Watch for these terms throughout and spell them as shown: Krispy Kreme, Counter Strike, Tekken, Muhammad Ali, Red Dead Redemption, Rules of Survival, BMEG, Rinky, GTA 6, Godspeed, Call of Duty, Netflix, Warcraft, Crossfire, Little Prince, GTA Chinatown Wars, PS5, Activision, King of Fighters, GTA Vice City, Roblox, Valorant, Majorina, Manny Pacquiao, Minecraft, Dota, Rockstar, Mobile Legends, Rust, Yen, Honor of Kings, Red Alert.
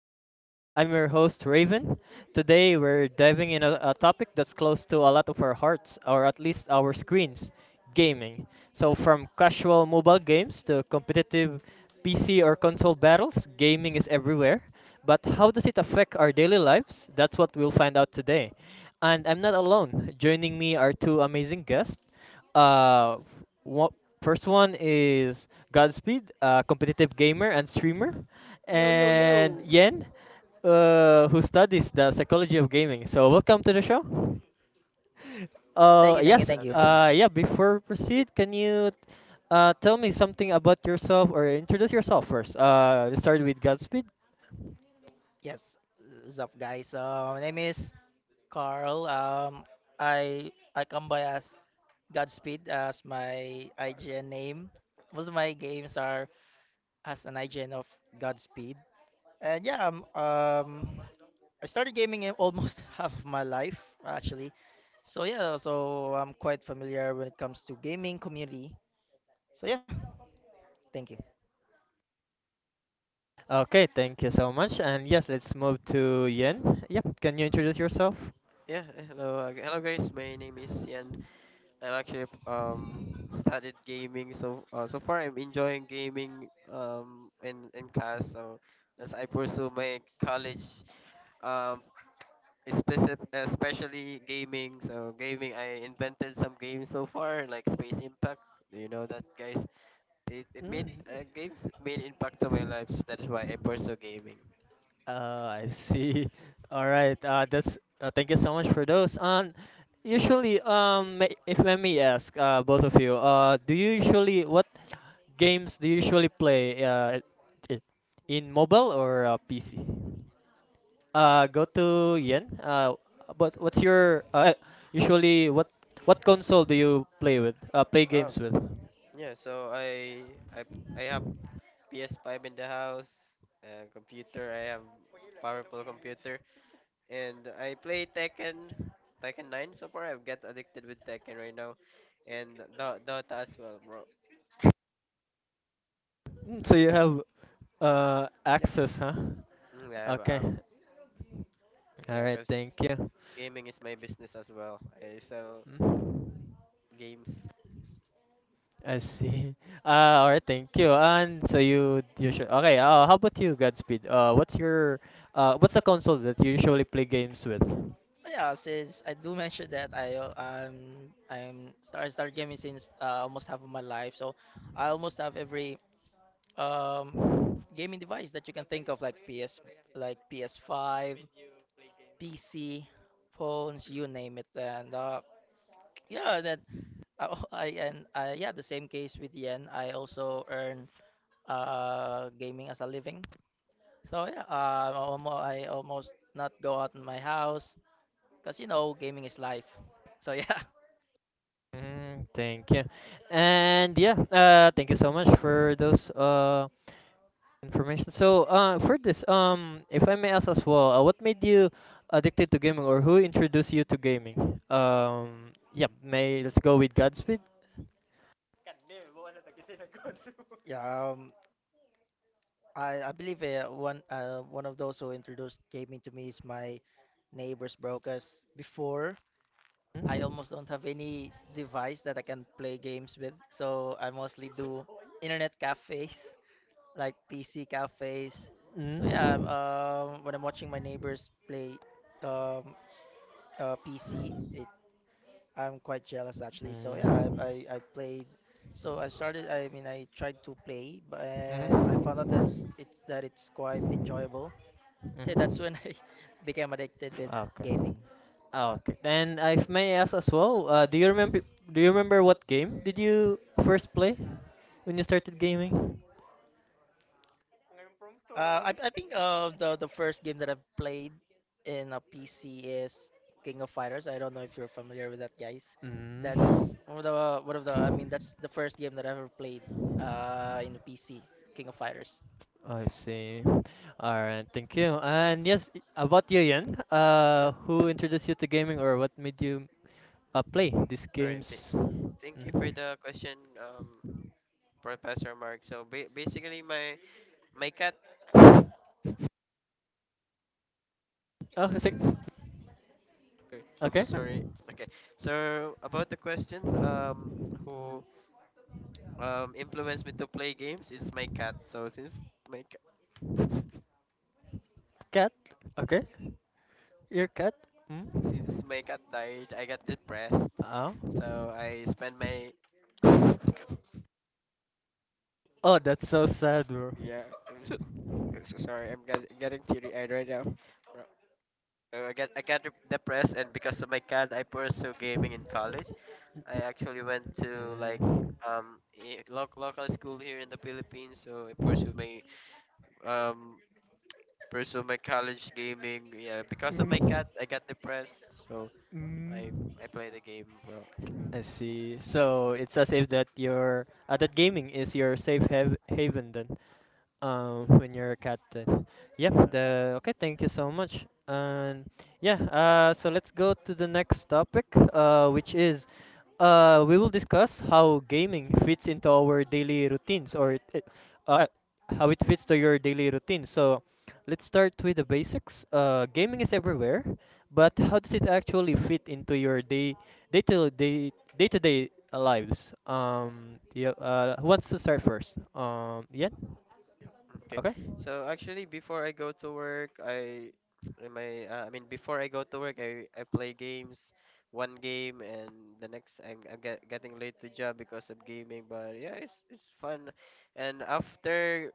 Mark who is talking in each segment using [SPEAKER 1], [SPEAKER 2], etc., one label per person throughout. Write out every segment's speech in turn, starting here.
[SPEAKER 1] podcast. I'm your host Raven. Today we're diving in a topic that's close to a lot of our hearts, or at least our screens, gaming. So from casual mobile games to competitive PC or console battles, gaming is everywhere. But how does it affect our daily lives? That's what we'll find out today. And I'm not alone. Joining me are two amazing guests. Uh, f- wo- first one is Godspeed, a competitive gamer and streamer,
[SPEAKER 2] Yo, yo,
[SPEAKER 1] and
[SPEAKER 2] yo.
[SPEAKER 1] Yen, who studies the psychology of gaming. So welcome to the show.
[SPEAKER 2] Thank
[SPEAKER 1] Yes.
[SPEAKER 2] you,
[SPEAKER 3] Hello
[SPEAKER 2] thank you, thank you.
[SPEAKER 3] guys.
[SPEAKER 1] Yeah. Before we proceed, can you tell me something about yourself or introduce yourself first? Let's start with Godspeed.
[SPEAKER 2] Yes. What's up, guys? My name is Carl. I come by as Godspeed as my IGN name. Most of my games are as an IGN of Godspeed. And yeah, I started gaming in almost half of my life actually. So yeah, so I'm quite familiar when it comes to gaming community. So yeah, thank you.
[SPEAKER 1] Okay. Thank you so much. And yes, let's move to Yen. Yep. Can you introduce yourself?
[SPEAKER 3] Hello guys. My name is Ian. I'm actually studied gaming. So so far I'm enjoying gaming in class. So as I pursue my college um especially gaming. So gaming I invented some games so far like Space Impact. Do you know that guys? It
[SPEAKER 1] Mm.
[SPEAKER 3] made games made impact to my life.
[SPEAKER 1] Sp-
[SPEAKER 3] That is why I pursue gaming.
[SPEAKER 1] I see. All right. That's thank you so much for those. Usually, if let me ask, both of you, do you usually what games do you usually play? I- in mobile or PC? Go to Yen. But what's your usually what console do you play with? Play games with?
[SPEAKER 3] Yeah, so I I have PS5 in the house, computer. I have powerful computer, and I play Tekken, Tekken 9. So far, I've get addicted with Tekken right now, and Dota as well, bro.
[SPEAKER 1] Mm, so you have
[SPEAKER 3] Yeah.
[SPEAKER 1] access, huh?
[SPEAKER 3] Mm, I have
[SPEAKER 1] Okay. All
[SPEAKER 3] yeah,
[SPEAKER 1] right.
[SPEAKER 3] cause
[SPEAKER 1] Thank you.
[SPEAKER 3] gaming is my business as well. I sell
[SPEAKER 1] Mm.
[SPEAKER 3] games.
[SPEAKER 1] I see. All right, thank you. And so you should okay. How about you, Godspeed? What's the console that you usually play games with?
[SPEAKER 2] But yeah, since I do mention that I I'm start start gaming since almost half of my life, so I almost have every um gaming device that you can think of, like PS5, PC, phones, you name it, and yeah, that I, al- I and I yeah the same case with Yen. I also earn gaming as a living. So yeah, I almost not go out in my house because you know gaming is life. So yeah.
[SPEAKER 1] Mm, thank you. And yeah, thank you so much for those information. So for this, if I may ask as well, what made you addicted to gaming, or who introduced you to gaming? Yeah, may let's go with Godspeed.
[SPEAKER 2] Yeah, um, I believe one of those who introduced gaming to me is my neighbors, bro. Cause before
[SPEAKER 1] Mm,
[SPEAKER 2] I almost don't have any device that I can play games with, so I mostly do internet cafes, like PC cafes. So
[SPEAKER 1] mm,
[SPEAKER 2] when I'm watching my neighbors play um, PC, it I'm quite jealous actually. So
[SPEAKER 1] mm.
[SPEAKER 2] I played. So I started. I mean, I tried to play, but and I
[SPEAKER 1] Mm-hmm.
[SPEAKER 2] found out that it's quite enjoyable. So
[SPEAKER 1] Mm-hmm.
[SPEAKER 2] yeah, that's when I became addicted with
[SPEAKER 1] Okay.
[SPEAKER 2] gaming.
[SPEAKER 1] Okay. And I ask as well, do you remember what game did you first play when you started gaming?
[SPEAKER 2] I think the first game that I've played in a PC is King of Fighters. I don't know if you're familiar with that, guys.
[SPEAKER 1] Mm.
[SPEAKER 2] That's one of the one of the. I mean, that's the first game that I ever played in the PC, King of Fighters.
[SPEAKER 1] I see. Alright, thank you. And yes, about you, Yan, who introduced you to gaming or what made you play these
[SPEAKER 3] All right, th-
[SPEAKER 1] games?
[SPEAKER 3] Thank you
[SPEAKER 1] Mm-hmm.
[SPEAKER 3] for the question, Professor Mark. So basically, my cat.
[SPEAKER 1] Oh, it's like,
[SPEAKER 3] Sorry, I'm so
[SPEAKER 1] okay.
[SPEAKER 3] sorry. Okay, so about the question, who influenced me to play games is my cat. So since my ca-
[SPEAKER 1] Cat. Okay. Your cat. Mm.
[SPEAKER 3] since my cat died, I got depressed.
[SPEAKER 1] Oh.
[SPEAKER 3] So I spent my
[SPEAKER 1] Oh, that's so sad, bro.
[SPEAKER 3] yeah. I'm so sorry. Getting teary eyed right now. Ro- So depressed, and because of my cat, I pursue gaming in college. I actually went to like
[SPEAKER 1] Mm.
[SPEAKER 3] um local school here in the Philippines, so I pursued my um pursue my college gaming. Yeah, because of my
[SPEAKER 1] Mm.
[SPEAKER 3] cat, I got depressed, so I
[SPEAKER 1] Mm.
[SPEAKER 3] I play the game, bro.
[SPEAKER 1] I see. So it's as if that your that gaming is your safe haven then. When you're a cat then, yep.
[SPEAKER 3] Yeah, I got,
[SPEAKER 1] The okay, thank you so much. And yeah, so let's go to the next topic, which is, we will discuss how gaming fits into our daily routines. Uh how it fits to your daily routine. So let's start with the basics. Gaming is everywhere, but how does it actually fit into your day day to day day to day lives? Yeah who wants to start first? Yeah
[SPEAKER 3] okay.
[SPEAKER 1] okay.
[SPEAKER 3] So actually, before I go to work, I in my I mean before I go to work, I play games, one game, and the next getting late to job because of gaming. But yeah, it's fun, and after.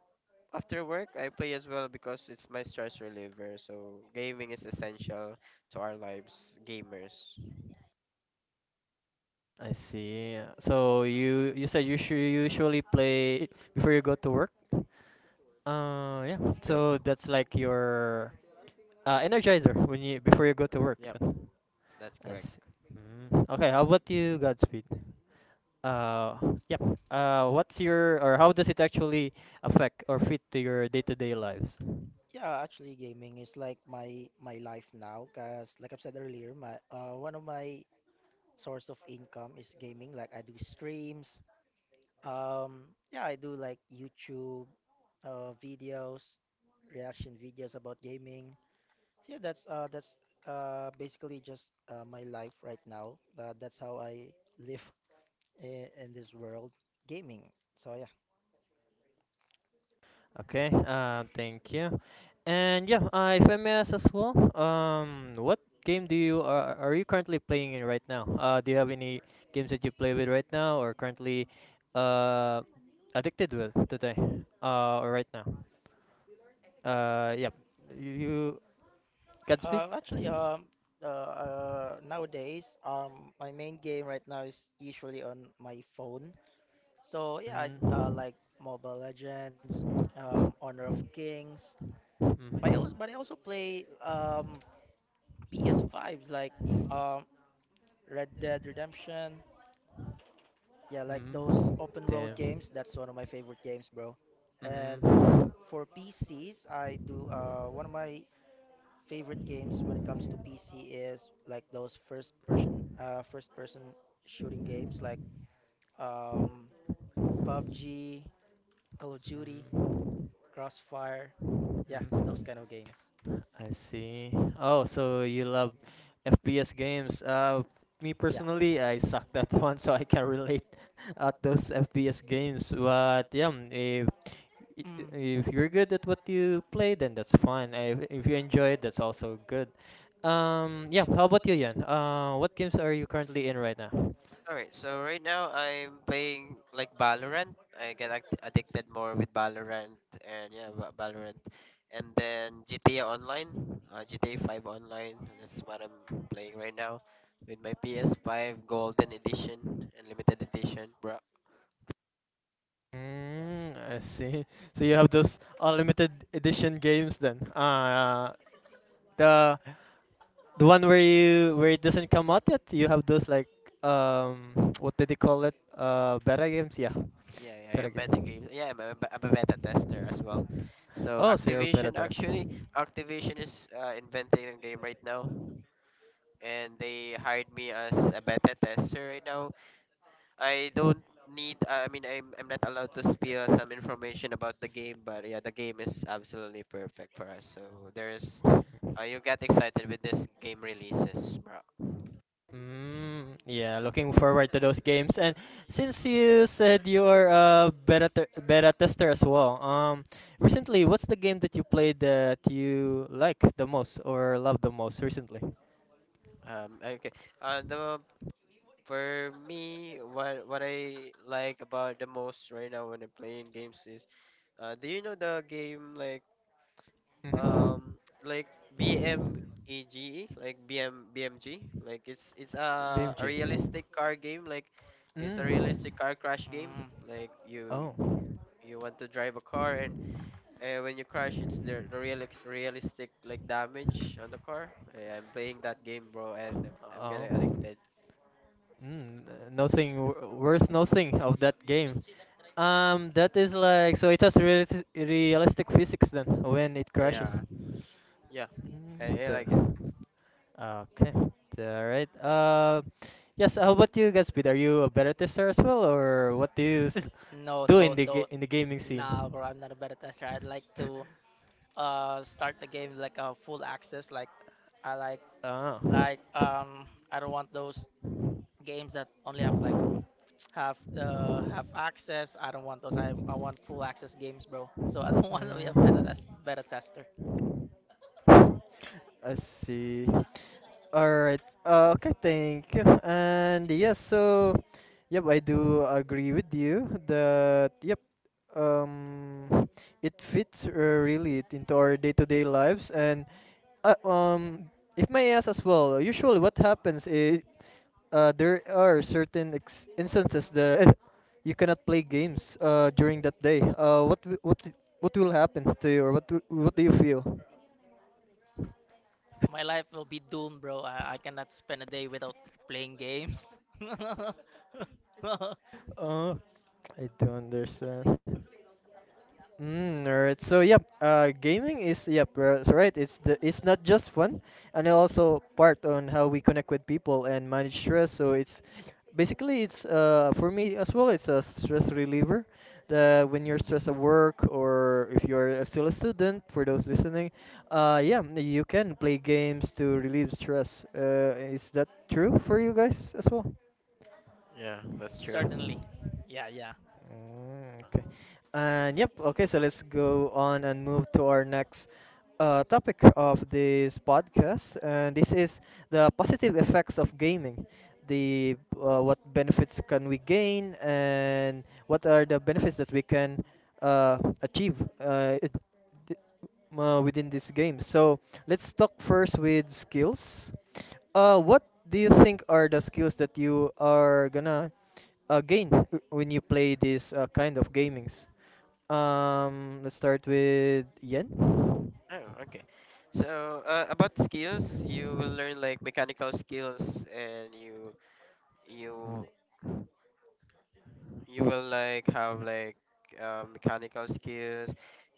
[SPEAKER 3] After work, I play as well because it's my stress reliever. So gaming is essential to our lives, gamers.
[SPEAKER 1] I see. So you said you usually play before you go to work? Uh, yeah.
[SPEAKER 3] Let's go.
[SPEAKER 1] So that's like your energizer when you before you go to work
[SPEAKER 3] Yep,
[SPEAKER 1] then.
[SPEAKER 3] that's
[SPEAKER 1] I
[SPEAKER 3] correct.
[SPEAKER 1] see. Mm. Okay, how about you, Godspeed? Uh, yeah. What's your or How does it actually affect or fit to your day-to-day lives?
[SPEAKER 2] Yeah, actually, gaming is like my life now. Cause like I've said earlier, my one of my source of income is gaming. Like I do streams. Yeah, I do like YouTube videos, reaction videos about gaming. So that's basically just my life right now. That's how I live in this world, gaming. So yeah.
[SPEAKER 1] Okay, thank you. And yeah, if I may ask as well, what game do you, are you currently playing in right now? Do you have any games that you play with right now or currently uh, addicted with today, or right now? Uh, yeah, you, Godspeed?
[SPEAKER 2] Uh, actually, um, nowadays, my main game right now is usually on my phone. So yeah, I
[SPEAKER 1] Mm,
[SPEAKER 2] like Mobile Legends, Honor of Kings,
[SPEAKER 1] mm,
[SPEAKER 2] but I also play PS5s like um Red Dead Redemption. Yeah, like
[SPEAKER 1] mm,
[SPEAKER 2] those open world
[SPEAKER 1] damn.
[SPEAKER 2] games. That's one of my favorite games, bro. And
[SPEAKER 1] Mm.
[SPEAKER 2] for PCs, I do one of my favorite games when it comes to PC is like those first person shooting games like um PUBG, Call of Duty, Crossfire.
[SPEAKER 1] Mhm.
[SPEAKER 2] Yeah,
[SPEAKER 1] Mhm.
[SPEAKER 2] those kind of games.
[SPEAKER 1] I see. Oh, so you love FPS games. Me
[SPEAKER 2] Yeah.
[SPEAKER 1] personally, I suck that one, so I can relate at those FPS games. But yeah, mm, if i-
[SPEAKER 2] Mm,
[SPEAKER 1] if you're good at what you play, then that's fine. If you enjoy it, that's also good. Yeah. How about you, Yan? What games are you currently in right now?
[SPEAKER 3] All right, so right now I'm playing like Valorant. I get addicted more with Valorant and yeah, Valorant. And then GTA Online, GTA 5 Online. That's what I'm playing right now with my PS5 Golden Edition and Limited Edition, bro.
[SPEAKER 1] Mm, I see. So you have those unlimited edition games then. The The one where, you where it doesn't come out yet, you have those like um what did they call it? Uh, beta games? Yeah.
[SPEAKER 3] Yeah, I'm
[SPEAKER 1] Beta
[SPEAKER 3] beta
[SPEAKER 1] game.
[SPEAKER 3] games. Yeah, I'm a beta tester as well. So
[SPEAKER 1] Oh, so you're a beta
[SPEAKER 3] Activision
[SPEAKER 1] tester.
[SPEAKER 3] actually, Activision is inventing a game right now, and they hired me as a beta tester right now. I don't need I mean I'm not allowed to spill some information about the game, but yeah, the game is absolutely perfect for us. So there's you get excited with this game releases, bro.
[SPEAKER 1] Mm, yeah, looking forward to those games. And since you said you're a beta tester as well, recently, what's the game that you played that you like the most or love the most recently?
[SPEAKER 3] Okay. The for me what I like about the most right now when I'm playing games is do you know the game
[SPEAKER 1] Mm-hmm.
[SPEAKER 3] um like BMEG like BMBMG, like a
[SPEAKER 1] BMG.
[SPEAKER 3] realistic car game like it's a
[SPEAKER 1] Mm.
[SPEAKER 3] realistic car crash game
[SPEAKER 2] mm.
[SPEAKER 3] like you
[SPEAKER 1] Oh.
[SPEAKER 3] you want to drive a car and when you crash it's the real realistic like damage on the car Eh, I'm playing that game bro and I'm getting
[SPEAKER 1] Oh.
[SPEAKER 3] addicted
[SPEAKER 1] Mm, nothing w- worth nothing of that game. That is like, so it has realistic physics then when it
[SPEAKER 3] yeah
[SPEAKER 1] crashes.
[SPEAKER 3] yeah
[SPEAKER 1] Mm,
[SPEAKER 3] I like it
[SPEAKER 1] the, okay, all right. Yes. How about you, Gatsby? Are you a better tester as well, or what do you do
[SPEAKER 2] No,
[SPEAKER 1] in the
[SPEAKER 2] no,
[SPEAKER 1] in the
[SPEAKER 2] no.
[SPEAKER 1] gaming scene?
[SPEAKER 2] Nah, bro, I'm not a beta tester. I'd like to start the game like a full access. I like
[SPEAKER 1] Ah.
[SPEAKER 2] like I don't want those
[SPEAKER 1] Mm,
[SPEAKER 2] games that only have like have access. I don't want those. I want full access games, bro. So I don't want to be a beta tester.
[SPEAKER 1] I see. Alright. Okay, thank you. And yeah, so yep, I do agree with you that yep, um, it fits really into our day-to-day lives. And uh, um, if may I ask as well, usually what happens is, there are certain instances that you cannot play games during that day. What will happen to you, or what do you feel?
[SPEAKER 2] My life will be doomed, bro. I cannot spend a day without playing games.
[SPEAKER 1] Uh, I don't understand. Mm, alright. So yep, gaming is, yep, so right. It's not just fun, and it also part on how we connect with people and manage stress. So it's basically, it's for me as well, it's a stress reliever. The when you're stressed at work or if you're still a student, for those listening, yeah, you can play games to relieve stress. Is that true for you guys as well?
[SPEAKER 3] yeah that's true
[SPEAKER 2] Certainly. Yeah, yeah.
[SPEAKER 1] Okay. And yep, okay, so let's go on and move to our next topic of this podcast. And this is the positive effects of gaming. The What benefits can we gain, and what are the benefits that we can achieve uh, it, within this game. So let's talk first with skills. What do you think are the skills that you are gonna gain when you play this kind of gamings? Let's start with Yen.
[SPEAKER 3] Oh, okay. So, about skills, you will learn like mechanical skills and you you will like have like mechanical skills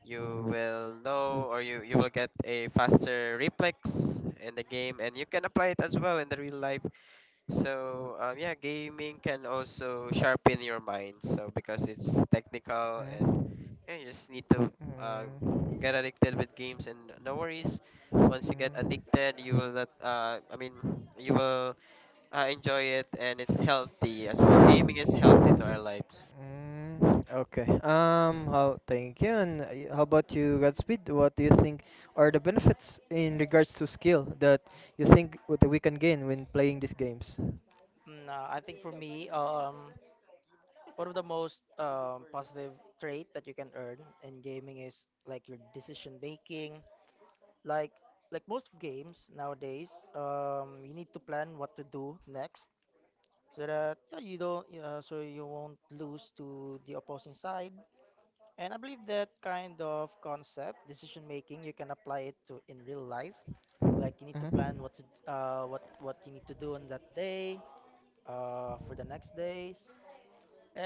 [SPEAKER 3] you will know or you will get a faster reflex in the game and you can apply it as well in the real life so yeah gaming can also sharpen your mind so because it's technical and
[SPEAKER 1] Mm,
[SPEAKER 3] yeah, you just need to uh,
[SPEAKER 1] mm,
[SPEAKER 3] get addicted with games and no worries
[SPEAKER 1] mm,
[SPEAKER 3] once you get
[SPEAKER 1] mm.
[SPEAKER 3] addicted you will not you will enjoy it and it's healthy as well. Gaming is healthy to our lives.
[SPEAKER 1] Okay. How? Thank you. And how about you, Godspeed? What do you think are the benefits in regards to skill that you think that we can gain when playing these games?
[SPEAKER 2] I think for me, one of the most positive trait that you can earn in gaming is like your decision making. Like like most games nowadays, you need to plan what to do next so that yeah, you don't so you won't lose to the opposing side, and I believe that kind of concept decision making you can apply it to in real life. Like you need
[SPEAKER 1] Mm-hmm.
[SPEAKER 2] to plan what you need to do on that day, for the next days.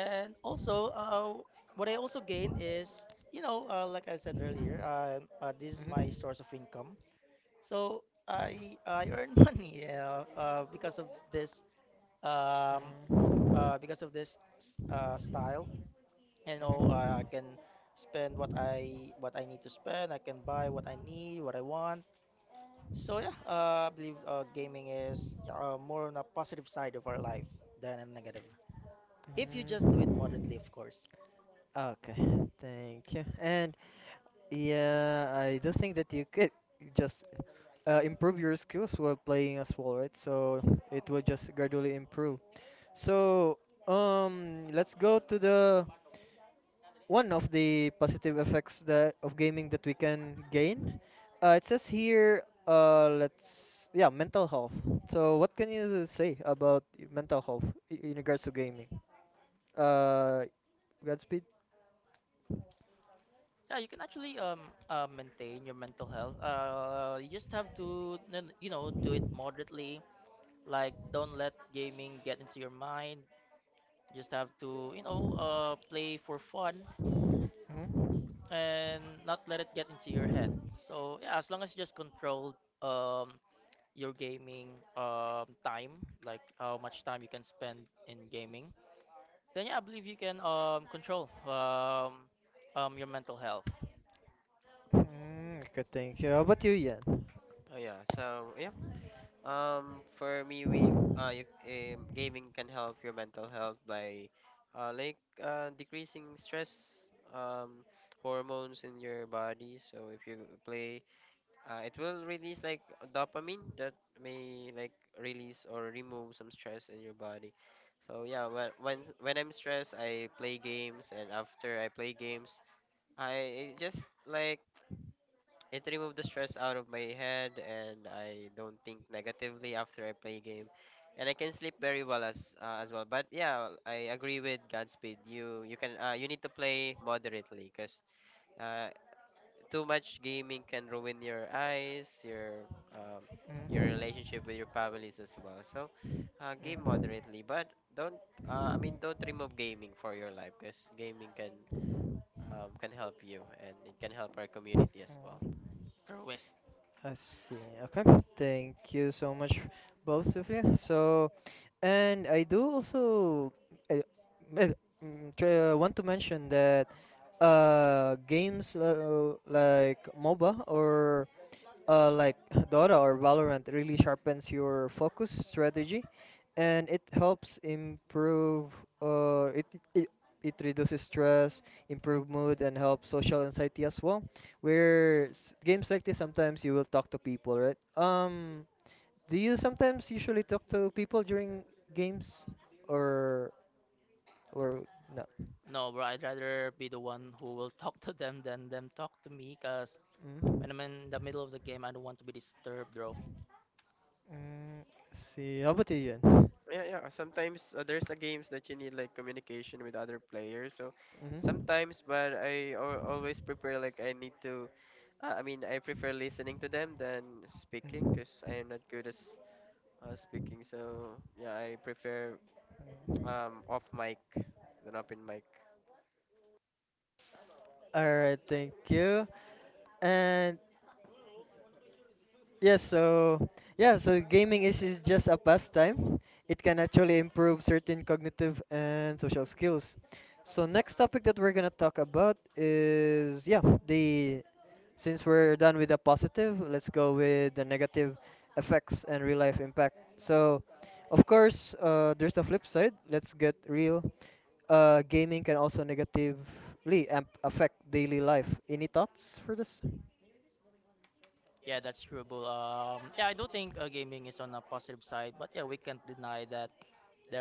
[SPEAKER 2] And also, what I also gain is, you know, like I said earlier, this
[SPEAKER 1] Mm-hmm.
[SPEAKER 2] is my source of income, so I earn money because of this, um,
[SPEAKER 1] Mhm.
[SPEAKER 2] because of this style, you know.
[SPEAKER 1] Mhm.
[SPEAKER 2] I can spend what I need to spend. I can buy what I need, what I want. So yeah, I believe gaming is more on a positive side of our life than a negative. If you just do it
[SPEAKER 1] Mhm.
[SPEAKER 2] moderately, of course.
[SPEAKER 1] Okay, thank you. And yeah, I do think that you could just improve your skills while playing as well, right? So it will just gradually improve. So let's go to the one of the positive effects that of gaming that we can gain. It says here, let's, yeah, mental health. So what can you say about mental health in regards to gaming? Uh, Godspeed.
[SPEAKER 2] Yeah, you can actually maintain your mental health. You just have to you know, do it moderately. Like don't let gaming get into your mind. You just have to you know play for fun,
[SPEAKER 1] Mm,
[SPEAKER 2] and not let it get into your head. So yeah, as long as you just control um your gaming time, like how much time you can spend in gaming, then yeah, I believe you can control your mental health
[SPEAKER 1] mm, good, thank you. How about you, Ian?
[SPEAKER 3] Oh yeah. So yeah. For me, gaming can help your mental health by, uh, like decreasing stress, hormones in your body. So if you play, it will release like dopamine that may like release or remove some stress in your body. So yeah, when I'm stressed, I play games, and after I play games, I it just like it removed the stress out of my head and I don't think negatively after I play game. And I can sleep very well as well. But yeah, I agree with Godspeed. You can you need to play moderately because uh, too much gaming can ruin your eyes, your
[SPEAKER 1] Mm,
[SPEAKER 3] relationship with your families as well. So game
[SPEAKER 1] mm,
[SPEAKER 3] moderately, but don't I mean don't remove gaming for your life because gaming can help you and it can help our community as well.
[SPEAKER 1] mm.
[SPEAKER 2] or waste.
[SPEAKER 1] I see. Okay. Thank you so much, both of you. So, and I do also uh, uh, want to mention that games like MOBA or like Dota or Valorant really sharpens your focus strategy, and it helps improve. Uh, it it it reduces stress, improve mood, and help social anxiety as well. Where games like this, sometimes you will talk to people, right? Do you sometimes usually talk to people during games, or or not?
[SPEAKER 2] No, bro, I'd rather be the one who will talk to them than them talk to me, cause
[SPEAKER 1] Mm.
[SPEAKER 2] when I'm in the middle of the game, I don't want to be disturbed, bro.
[SPEAKER 1] Mm, see, how about you then?
[SPEAKER 3] Yeah, yeah. Sometimes there's a games that you need like communication with other players. So sometimes, but I always prepare like I need to. I mean, I prefer listening to them than speaking
[SPEAKER 1] Mhm.
[SPEAKER 3] because I am not good as speaking. So yeah, I prefer off mic than open mic.
[SPEAKER 1] All right, thank you. And yes, so yeah, so gaming is just a pastime. It can actually improve certain cognitive and social skills. So next topic that we're gonna talk about is, yeah, the since we're done with the positive, let's go with the negative effects and real life impact. So of course, there's the flip side. Let's get real. Gaming can also negatively amp affect daily life. Any thoughts for this?
[SPEAKER 2] Yeah, that's true, bro. Yeah, I do think gaming is on a positive side, but yeah, we can't deny that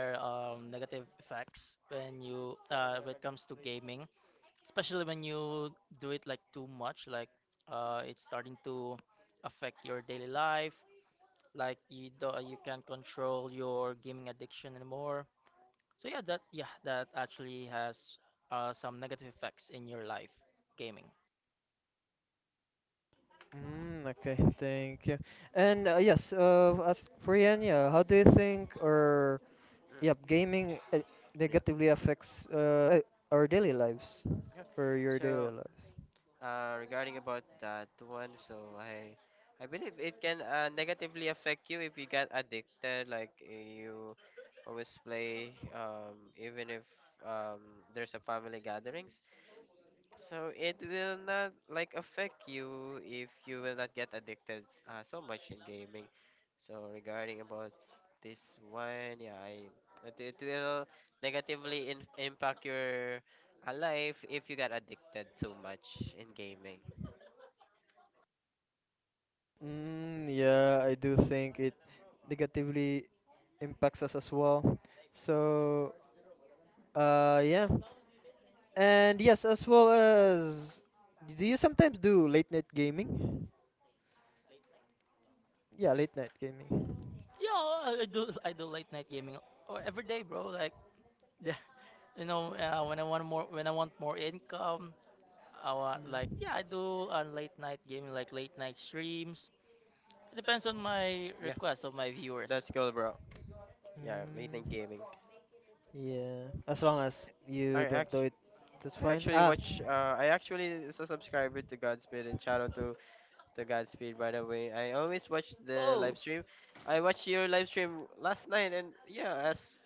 [SPEAKER 2] there are negative effects when it comes to gaming, especially when you do it like too much. It's starting to affect your daily life. Like you can't control your gaming addiction anymore. So yeah, that actually has some negative effects in your life, gaming.
[SPEAKER 1] Mm, okay, thank you. And yes, as for Yan, yeah, how do you think or yeah,
[SPEAKER 3] Mm,
[SPEAKER 1] gaming
[SPEAKER 3] yeah.
[SPEAKER 1] negatively affects our daily lives
[SPEAKER 3] Yeah.
[SPEAKER 1] or your
[SPEAKER 3] So
[SPEAKER 1] daily lives?
[SPEAKER 3] regarding about that one, so I believe it can negatively affect you if you get addicted, like you always play even if there's a family gatherings. So it will not like affect you if you will not get addicted so much in gaming. So regarding about this one, yeah, I it, it will negatively impact your life if you got addicted too much in gaming.
[SPEAKER 1] Mm, yeah, I do think it negatively impacts us as well. So, yeah. And yes, as well as, do you sometimes do late night gaming? Yeah, late night gaming.
[SPEAKER 2] Yeah, I do late night gaming or every day, bro. Like you know, when I want more income, I want
[SPEAKER 1] Mm.
[SPEAKER 2] like yeah, I do late night gaming, like late night streams. It depends on my
[SPEAKER 3] Yeah,
[SPEAKER 2] request of my viewers.
[SPEAKER 3] that's cool, bro.
[SPEAKER 1] Streams.
[SPEAKER 3] Yeah, late night
[SPEAKER 1] Mm,
[SPEAKER 3] gaming.
[SPEAKER 1] yeah. As long as
[SPEAKER 3] I
[SPEAKER 1] you don't do
[SPEAKER 3] actually.
[SPEAKER 1] it, that's
[SPEAKER 3] I
[SPEAKER 1] fine.
[SPEAKER 3] actually
[SPEAKER 1] Ah.
[SPEAKER 3] watch. I actually is a subscriber to Godspeed and shout out to Godspeed by the way. I always watch the live
[SPEAKER 2] Oh,
[SPEAKER 3] stream. I watched your live stream last night and yeah, as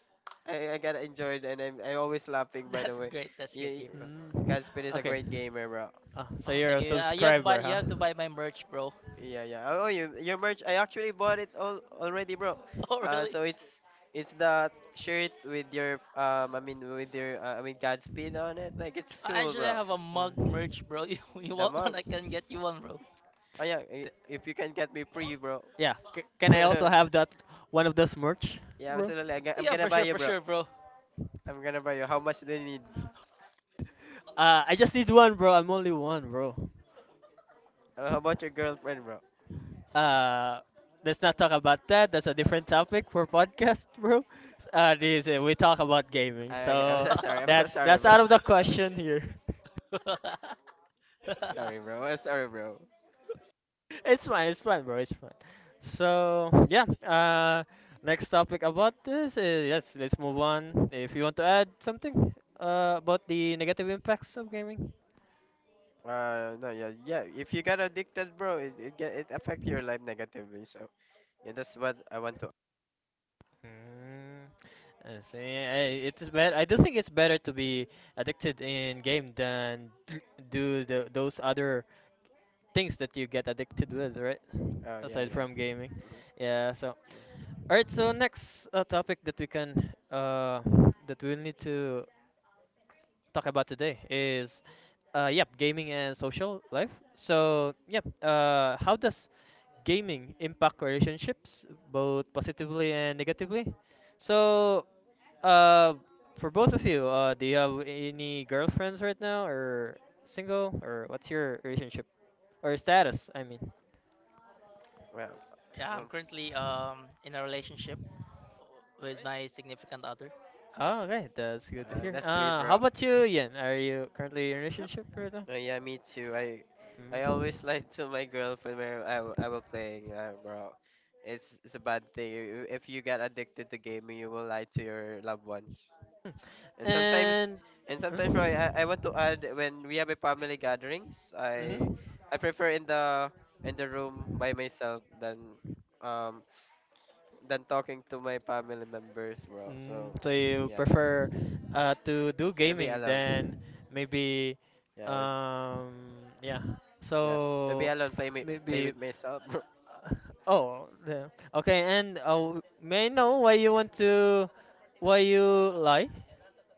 [SPEAKER 3] I got enjoyed and I always laughing by the way.
[SPEAKER 2] that's great. That's
[SPEAKER 3] Yeah,
[SPEAKER 2] great to hear, bro.
[SPEAKER 1] Mm.
[SPEAKER 3] Godspeed is a
[SPEAKER 1] Okay.
[SPEAKER 3] great gamer, bro.
[SPEAKER 1] So
[SPEAKER 2] Oh,
[SPEAKER 1] you're a
[SPEAKER 2] thank you.
[SPEAKER 1] subscriber, huh?
[SPEAKER 2] You have to buy my merch, bro.
[SPEAKER 3] Yeah, yeah. Oh, you, your merch. I actually bought it all already, bro.
[SPEAKER 2] Oh,
[SPEAKER 3] So
[SPEAKER 2] really?
[SPEAKER 3] it's that shirt with your Godspeed on it. Like it's cool,
[SPEAKER 2] I actually
[SPEAKER 3] bro.
[SPEAKER 2] have a mug
[SPEAKER 1] Mm.
[SPEAKER 2] merch, bro. You,
[SPEAKER 3] The
[SPEAKER 2] you want
[SPEAKER 3] mug.
[SPEAKER 2] one? I can get you one, bro.
[SPEAKER 3] Oh yeah.
[SPEAKER 1] Th-
[SPEAKER 3] If you can get me free, bro.
[SPEAKER 1] yeah. C- can I also
[SPEAKER 3] yeah,
[SPEAKER 1] have that one of those merch, bro?
[SPEAKER 3] absolutely. I'm gonna
[SPEAKER 2] Yeah,
[SPEAKER 3] buy you,
[SPEAKER 2] for
[SPEAKER 3] bro.
[SPEAKER 2] sure, bro.
[SPEAKER 3] I'm gonna buy you. How much do you need?
[SPEAKER 1] I just need one, bro. I'm only one, bro.
[SPEAKER 3] How about your girlfriend, bro?
[SPEAKER 1] Uh, let's not talk about that. That's a different topic for podcast, bro. This We talk about gaming,
[SPEAKER 3] I'm
[SPEAKER 1] so
[SPEAKER 3] so sorry. I'm so sorry,
[SPEAKER 1] that's
[SPEAKER 3] bro.
[SPEAKER 1] out of the question here.
[SPEAKER 3] Sorry, bro. I'm sorry, bro.
[SPEAKER 1] It's fine, bro. It's fine. So yeah, next topic about this is, yes, let's move on. If you want to add something about the negative impacts of gaming.
[SPEAKER 3] No, yeah, yeah. If you got addicted, bro, it affects your life negatively. So yeah, that's what I want to.
[SPEAKER 1] Mm, I see. It is better. I do think it's better to be addicted in game than do the those other things that you get addicted with, right?
[SPEAKER 3] Oh yeah,
[SPEAKER 1] Aside
[SPEAKER 3] yeah.
[SPEAKER 1] from gaming.
[SPEAKER 3] Hmm.
[SPEAKER 1] Yeah, so
[SPEAKER 3] Yeah.
[SPEAKER 1] all right, so next topic that we can that we'll need to talk about today is yep, gaming and social life. So, yep, uh, how does gaming impact relationships both positively and negatively? So, uh for both of you, do you have any girlfriends right now or single or what's your relationship or status, I mean?
[SPEAKER 3] Well,
[SPEAKER 2] yeah,
[SPEAKER 3] um,
[SPEAKER 2] I'm currently in a relationship with my significant other.
[SPEAKER 1] Oh, okay, that's good to hear.
[SPEAKER 3] that's sweet,
[SPEAKER 1] How
[SPEAKER 3] bro.
[SPEAKER 1] about you, Ian? Are you currently in a
[SPEAKER 3] Yep.
[SPEAKER 1] relationship right now?
[SPEAKER 3] Oh yeah, me too. I
[SPEAKER 1] Mm.
[SPEAKER 3] always lie to my girlfriend when I will playing, bro. It's a bad thing. If you get addicted to gaming, you will lie to your loved ones.
[SPEAKER 1] Hmm.
[SPEAKER 3] And sometimes,
[SPEAKER 1] And
[SPEAKER 3] and sometimes, bro, I
[SPEAKER 1] mm-hmm.
[SPEAKER 3] want to add when we have a family gatherings, I prefer in the room by myself um than talking to my family members, bro.
[SPEAKER 1] Mm,
[SPEAKER 3] So,
[SPEAKER 1] so you
[SPEAKER 3] yeah,
[SPEAKER 1] prefer to do
[SPEAKER 3] to be
[SPEAKER 1] gaming
[SPEAKER 3] alone.
[SPEAKER 1] than maybe
[SPEAKER 3] Yeah, with
[SPEAKER 1] yeah.
[SPEAKER 3] yeah, to be
[SPEAKER 1] So
[SPEAKER 3] alone, play me, play
[SPEAKER 1] maybe
[SPEAKER 3] with myself, bro.
[SPEAKER 1] oh the- okay. And w- may I know why you want to why you lie?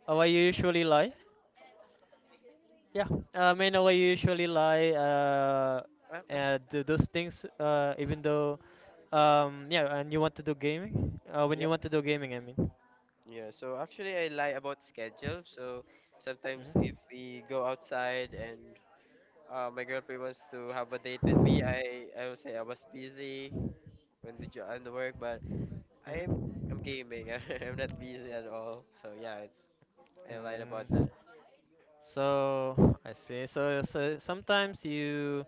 [SPEAKER 1] Why you usually lie? Yeah, I know I usually lie
[SPEAKER 3] Ah, ah.
[SPEAKER 1] and do those things, even though,
[SPEAKER 3] Mm-hmm.
[SPEAKER 1] yeah, and you want to do gaming? When
[SPEAKER 3] Yeah,
[SPEAKER 1] you want to do gaming, I mean.
[SPEAKER 3] yeah. So actually, I lie about schedule. So sometimes
[SPEAKER 1] Hmm.
[SPEAKER 3] if we go outside and my girlfriend wants to have a date with me, I will say I was busy on the job, on the work, but I'm
[SPEAKER 1] Hmm.
[SPEAKER 3] gaming. I'm not busy at all. So yeah, it's I lied about
[SPEAKER 1] Mm.
[SPEAKER 3] that.
[SPEAKER 1] So I see. So, so sometimes you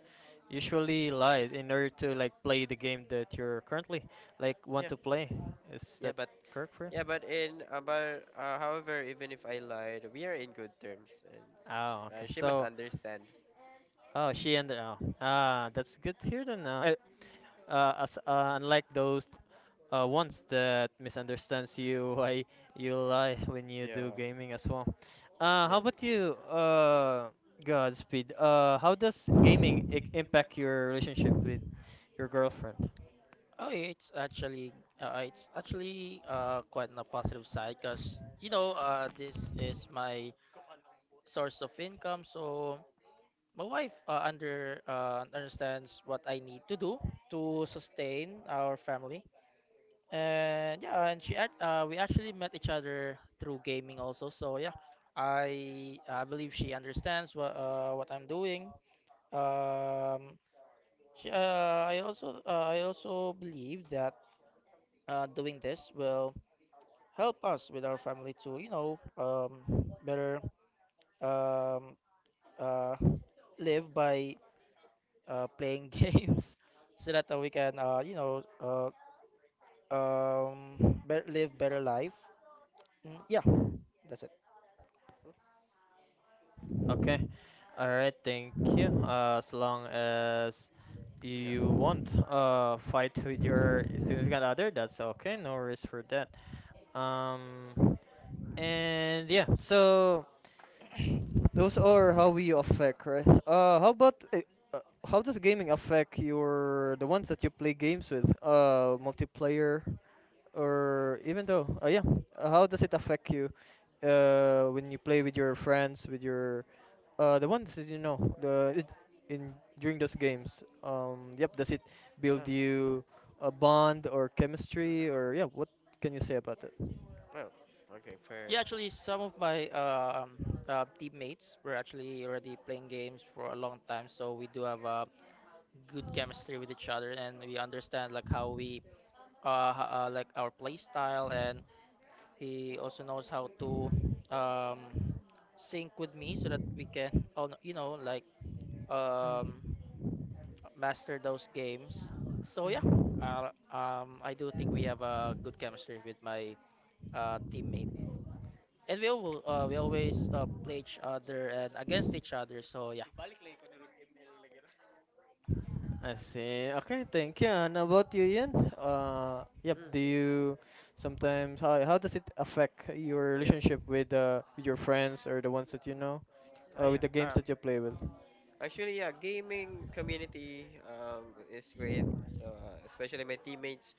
[SPEAKER 1] usually lie in order to like play the game that you're currently like want
[SPEAKER 3] Yeah.
[SPEAKER 1] to play. Is
[SPEAKER 3] Yeah,
[SPEAKER 1] that
[SPEAKER 3] but
[SPEAKER 1] correct for you?
[SPEAKER 3] yeah, but in but however, even if I lied, we are in good terms, and
[SPEAKER 1] Oh, okay.
[SPEAKER 3] she must
[SPEAKER 1] So,
[SPEAKER 3] understand.
[SPEAKER 1] oh, she and oh, ah, that's good to hear. Then, now, unlike those ones that misunderstands you why you lie when you
[SPEAKER 3] Yeah,
[SPEAKER 1] do gaming as well. How
[SPEAKER 3] yeah,
[SPEAKER 1] about you, Godspeed? How does gaming I- impact your relationship with your girlfriend?
[SPEAKER 2] Oh, yeah, it's actually quite on a positive side because you know this is my source of income. So my wife understands what I need to do to sustain our family, and yeah, and we actually met each other through gaming also. So yeah, I believe she understands what I'm doing. Um, I also believe that doing this will help us with our family to you know better um, uh, live by playing games so that we can you know bet live better life. Mm, yeah, that's it.
[SPEAKER 1] Okay. All right. Thank you. As long as
[SPEAKER 3] yeah.
[SPEAKER 1] you won't uh, fight with your significant other, that's okay. No worries for that. Um. And yeah. So. Those are how we affect, right? How about uh, how does gaming affect your the ones that you play games with? Multiplayer, or even though, yeah, how does it affect you? When you play with your friends, with your the ones that you know, the it, in during those games. Yep, does it build
[SPEAKER 3] Oh,
[SPEAKER 1] you a bond or chemistry
[SPEAKER 3] mm-hmm.
[SPEAKER 1] or yeah? What can you say about that?
[SPEAKER 3] Well, okay, fair.
[SPEAKER 2] Yeah, actually some of my teammates were actually already playing games for a long time, so we do have a good chemistry with each other and we understand like how we like our play style. And he also knows how to um, sync with me so that we can, oh, no, you know, like um, master those games. So yeah, I do think we have a good chemistry with my teammate, and we all, we always play each other and against each other. So yeah.
[SPEAKER 1] I see. Okay, thank you. And about you, Ian? Yep.
[SPEAKER 3] Mm,
[SPEAKER 1] Do you sometimes how does it affect your
[SPEAKER 3] yeah.
[SPEAKER 1] relationship with your friends or the ones that you know,
[SPEAKER 3] Oh, yeah.
[SPEAKER 1] with the games that you play with?
[SPEAKER 3] Actually, yeah, gaming community is great. So especially my teammates,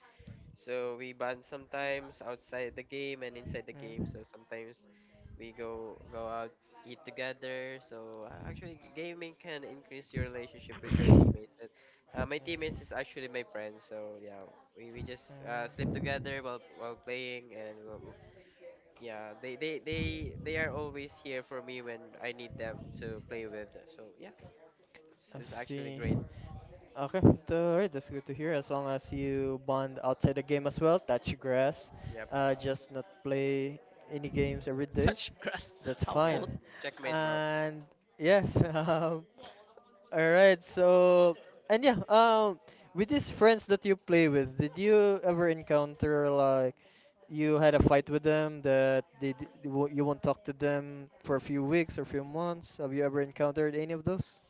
[SPEAKER 3] so we bond sometimes outside the game and inside the game.
[SPEAKER 1] Mm.
[SPEAKER 3] So sometimes we go out eat together. So actually, gaming can increase your relationship with your teammates. And my teammates is actually my friends. So yeah, we just sleep
[SPEAKER 1] Mm.
[SPEAKER 3] together while playing and yeah, they are always here for me when I need them to play with. So yeah, it's
[SPEAKER 1] I
[SPEAKER 3] it's actually
[SPEAKER 1] see.
[SPEAKER 3] great.
[SPEAKER 1] Okay, alright, that's good to hear. As long as you bond outside the game as well, touch grass,
[SPEAKER 3] Yep.
[SPEAKER 1] just not play any games every day.
[SPEAKER 2] Touch grass,
[SPEAKER 1] That's
[SPEAKER 3] Yeah.
[SPEAKER 2] harmful.
[SPEAKER 1] fine.
[SPEAKER 3] Checkmate, bro.
[SPEAKER 1] And yes, alright. So and yeah, with these friends that you play with, did you ever encounter like you had a fight with them that you won't you won't talk to them for a few weeks or few months? Have you ever encountered any of those?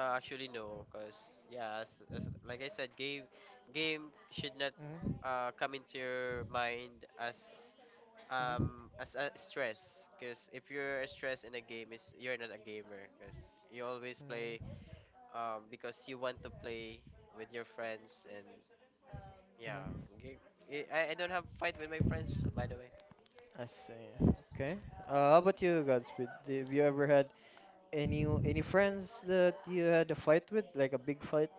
[SPEAKER 3] Actually no, cause yeah, as, like I said, game should not
[SPEAKER 1] Mm-hmm.
[SPEAKER 3] come into your mind
[SPEAKER 1] Mhm.
[SPEAKER 3] as a stress. Cause if you're stressed in a game, is you're not a gamer. Cause you always play
[SPEAKER 1] Mhm.
[SPEAKER 3] because you want to play with your friends and yeah,
[SPEAKER 1] Mhm.
[SPEAKER 3] game. I don't have fight with my friends by the way.
[SPEAKER 1] I see. Okay. How about you, Godspeed? Do- Have you ever had any friends that you had a fight with, like a big fight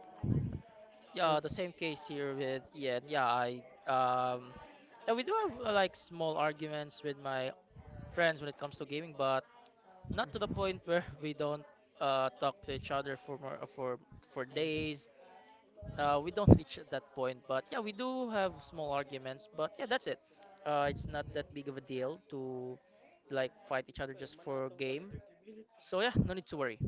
[SPEAKER 2] Yeah, the
[SPEAKER 1] with?
[SPEAKER 2] same case here with Ian. Um yeah, we do have like small arguments with my friends when it comes to gaming, but not to the point where we don't talk to each other for days. We don't reach at that point, but yeah, we do have small arguments, but yeah, that's it. It's not that big of a deal to like fight each other just for game. So yeah, no need to worry.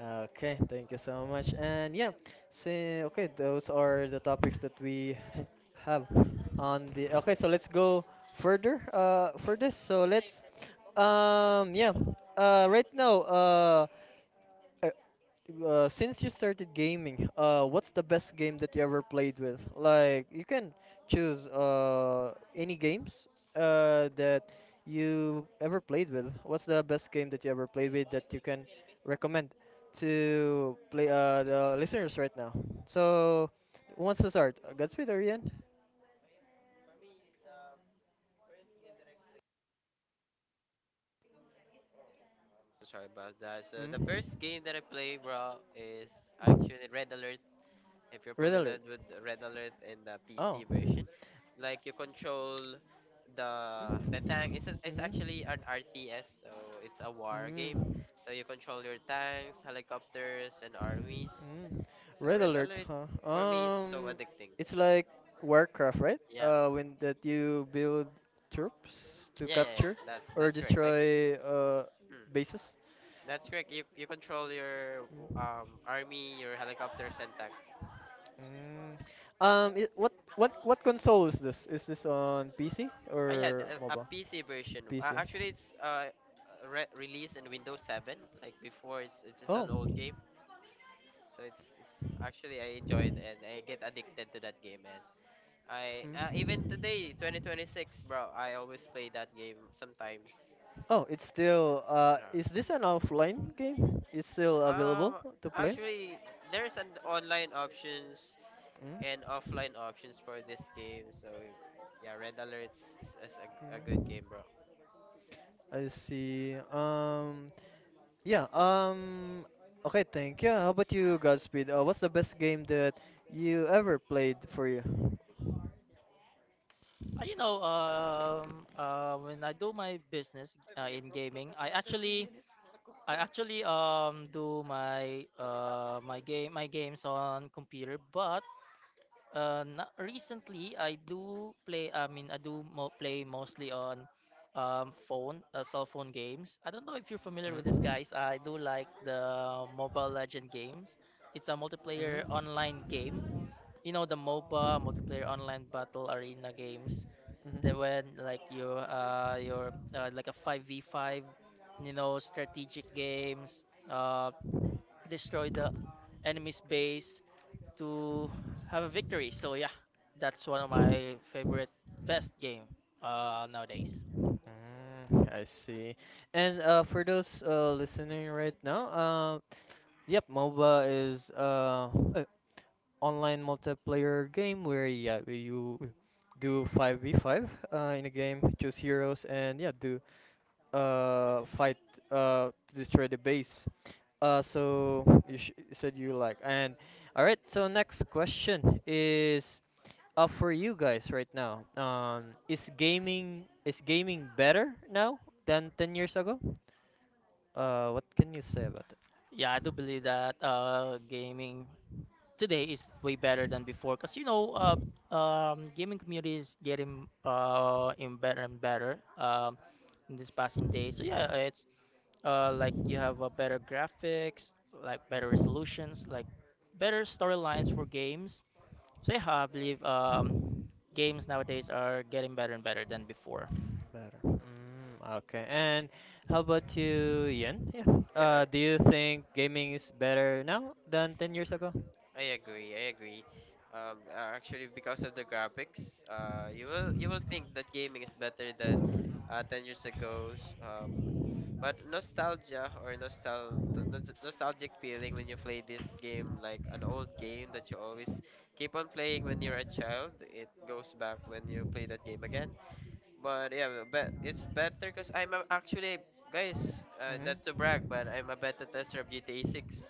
[SPEAKER 1] Okay. Thank you so much. And yeah, so okay, those are the topics that we have on the. Okay, so let's go further. For this, so let's. Yeah. Right now. Uh, since you started gaming, what's the best game that you ever played with? Like, you can choose any games that you ever played with. What's the best game that you ever played with that you can recommend to play the listeners right now? So, who wants to start? Godspeed or Ian?
[SPEAKER 3] Sorry about that. So the
[SPEAKER 1] Mm.
[SPEAKER 3] first game that I play, bro, is actually Red Alert if you're
[SPEAKER 1] Red Alert.
[SPEAKER 3] familiar with Red Alert in the
[SPEAKER 1] Oh.
[SPEAKER 3] PC version, like you control the the tank.
[SPEAKER 1] Mm-hmm.
[SPEAKER 3] It's actually
[SPEAKER 1] Mm-hmm.
[SPEAKER 3] an RTS, so it's a war game.
[SPEAKER 1] Mm.
[SPEAKER 3] So you control your tanks, helicopters, and armies.
[SPEAKER 1] Mm.
[SPEAKER 3] So
[SPEAKER 1] Red
[SPEAKER 3] Red
[SPEAKER 1] Alert,
[SPEAKER 3] Alert
[SPEAKER 1] huh?
[SPEAKER 3] for me is so addicting.
[SPEAKER 1] It's like Warcraft, right?
[SPEAKER 3] Yeah,
[SPEAKER 1] When that you build troops to
[SPEAKER 3] yeah, yeah, yeah.
[SPEAKER 1] capture
[SPEAKER 3] That's
[SPEAKER 1] or
[SPEAKER 3] that's correct.
[SPEAKER 1] destroy uh,
[SPEAKER 3] Mm,
[SPEAKER 1] bases.
[SPEAKER 3] that's correct. You control your
[SPEAKER 1] Mm.
[SPEAKER 3] army, your helicopters, and tanks.
[SPEAKER 1] Mm. It, what console is this? Is this on PC
[SPEAKER 3] Yeah,
[SPEAKER 1] or
[SPEAKER 3] a
[SPEAKER 1] mobile?
[SPEAKER 3] PC version.
[SPEAKER 1] PC.
[SPEAKER 3] Actually, it's released in Windows 7. Like before, it's just
[SPEAKER 1] Oh.
[SPEAKER 3] an old game. So it's actually I enjoyed and I get addicted to that game. And I even
[SPEAKER 1] Mm.
[SPEAKER 3] today, 2026, bro, I always play that game sometimes.
[SPEAKER 1] Oh, it's still is this an offline game? It's still available
[SPEAKER 3] Um,
[SPEAKER 1] to play?
[SPEAKER 3] Actually, there's an online options
[SPEAKER 1] Mm.
[SPEAKER 3] and offline options for this game. So yeah, Red Alert's is a good
[SPEAKER 1] Mm.
[SPEAKER 3] game, bro.
[SPEAKER 1] I see. Yeah, okay, thank you. How about you, Godspeed? What's the best game that you ever played for you?
[SPEAKER 2] You know, when I do my business in gaming, I actually do my games on computer. But na recently I do play. I mean, I do mo play mostly on phone, cell phone games. I don't know if you're familiar with this,
[SPEAKER 1] Mm.
[SPEAKER 2] guys. I do like the Mobile Legend games. It's a multiplayer online game. You know, the MOBA, multiplayer online battle arena games that when like your like a 5v5, you know, strategic games, uh destroy the enemy's base to have a victory. So yeah, that's one of my
[SPEAKER 1] Mm-hmm.
[SPEAKER 2] favorite best game nowadays.
[SPEAKER 1] Mm, I see. And for those listening right now, yep, MOBA is a online multiplayer game where yeah you do 5v5 in a game, choose heroes and yeah do uh, fight uh, to destroy the base. So you sh- you said you like and all right. So next question is uh, for you guys right now. Is gaming better now than 10 years ago? What can you say about that?
[SPEAKER 2] Yeah, I do believe that gaming today is way better than before because you know gaming community is getting in better and better in this passing day. So yeah, it's like you have a better graphics, like better
[SPEAKER 1] Mhm.
[SPEAKER 2] resolutions, like better storylines for games. So yeah, I believe games nowadays are getting better and better than before.
[SPEAKER 1] Better. Mm, okay. And how about you, Ian? Yeah.
[SPEAKER 3] Yeah.
[SPEAKER 1] Do you think gaming is better now than 10 years
[SPEAKER 3] Mm.
[SPEAKER 1] ago?
[SPEAKER 3] I agree. I agree. Actually, because of the graphics, you will think that gaming is better than 10 years ago's. But nostalgia or nostalgic feeling when you play this game, like an old game that you always keep on playing when you're a child, it goes back when you play that game again. But yeah, but it's better because actually guys, not to
[SPEAKER 1] Mm-hmm.
[SPEAKER 3] brag, but I'm a beta tester of GTA 6.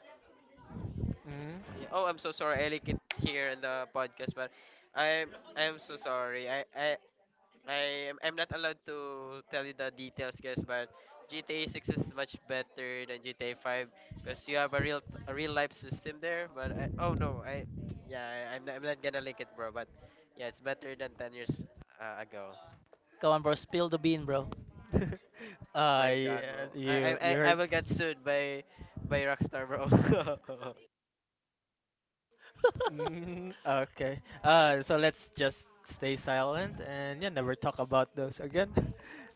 [SPEAKER 1] Mm-hmm.
[SPEAKER 3] Yeah. Oh, I'm so sorry. I leak it here in the podcast, but I'm I'm so sorry. I I'm not allowed to tell you the details, guys. But GTA 6 is much better than GTA 5 because you have a real life system there. But I, oh no, I yeah I, I'm not gonna link it, bro. But yeah, it's better than 10 years ago.
[SPEAKER 2] Come on, bro, spill the bean, bro.
[SPEAKER 1] Uh,
[SPEAKER 3] My God,
[SPEAKER 1] yeah,
[SPEAKER 3] bro. I
[SPEAKER 1] you
[SPEAKER 3] I
[SPEAKER 1] you
[SPEAKER 3] I I
[SPEAKER 1] heard.
[SPEAKER 3] will get sued by Rockstar, bro.
[SPEAKER 1] Mm, okay. So let's just stay silent and yeah, never talk about those again.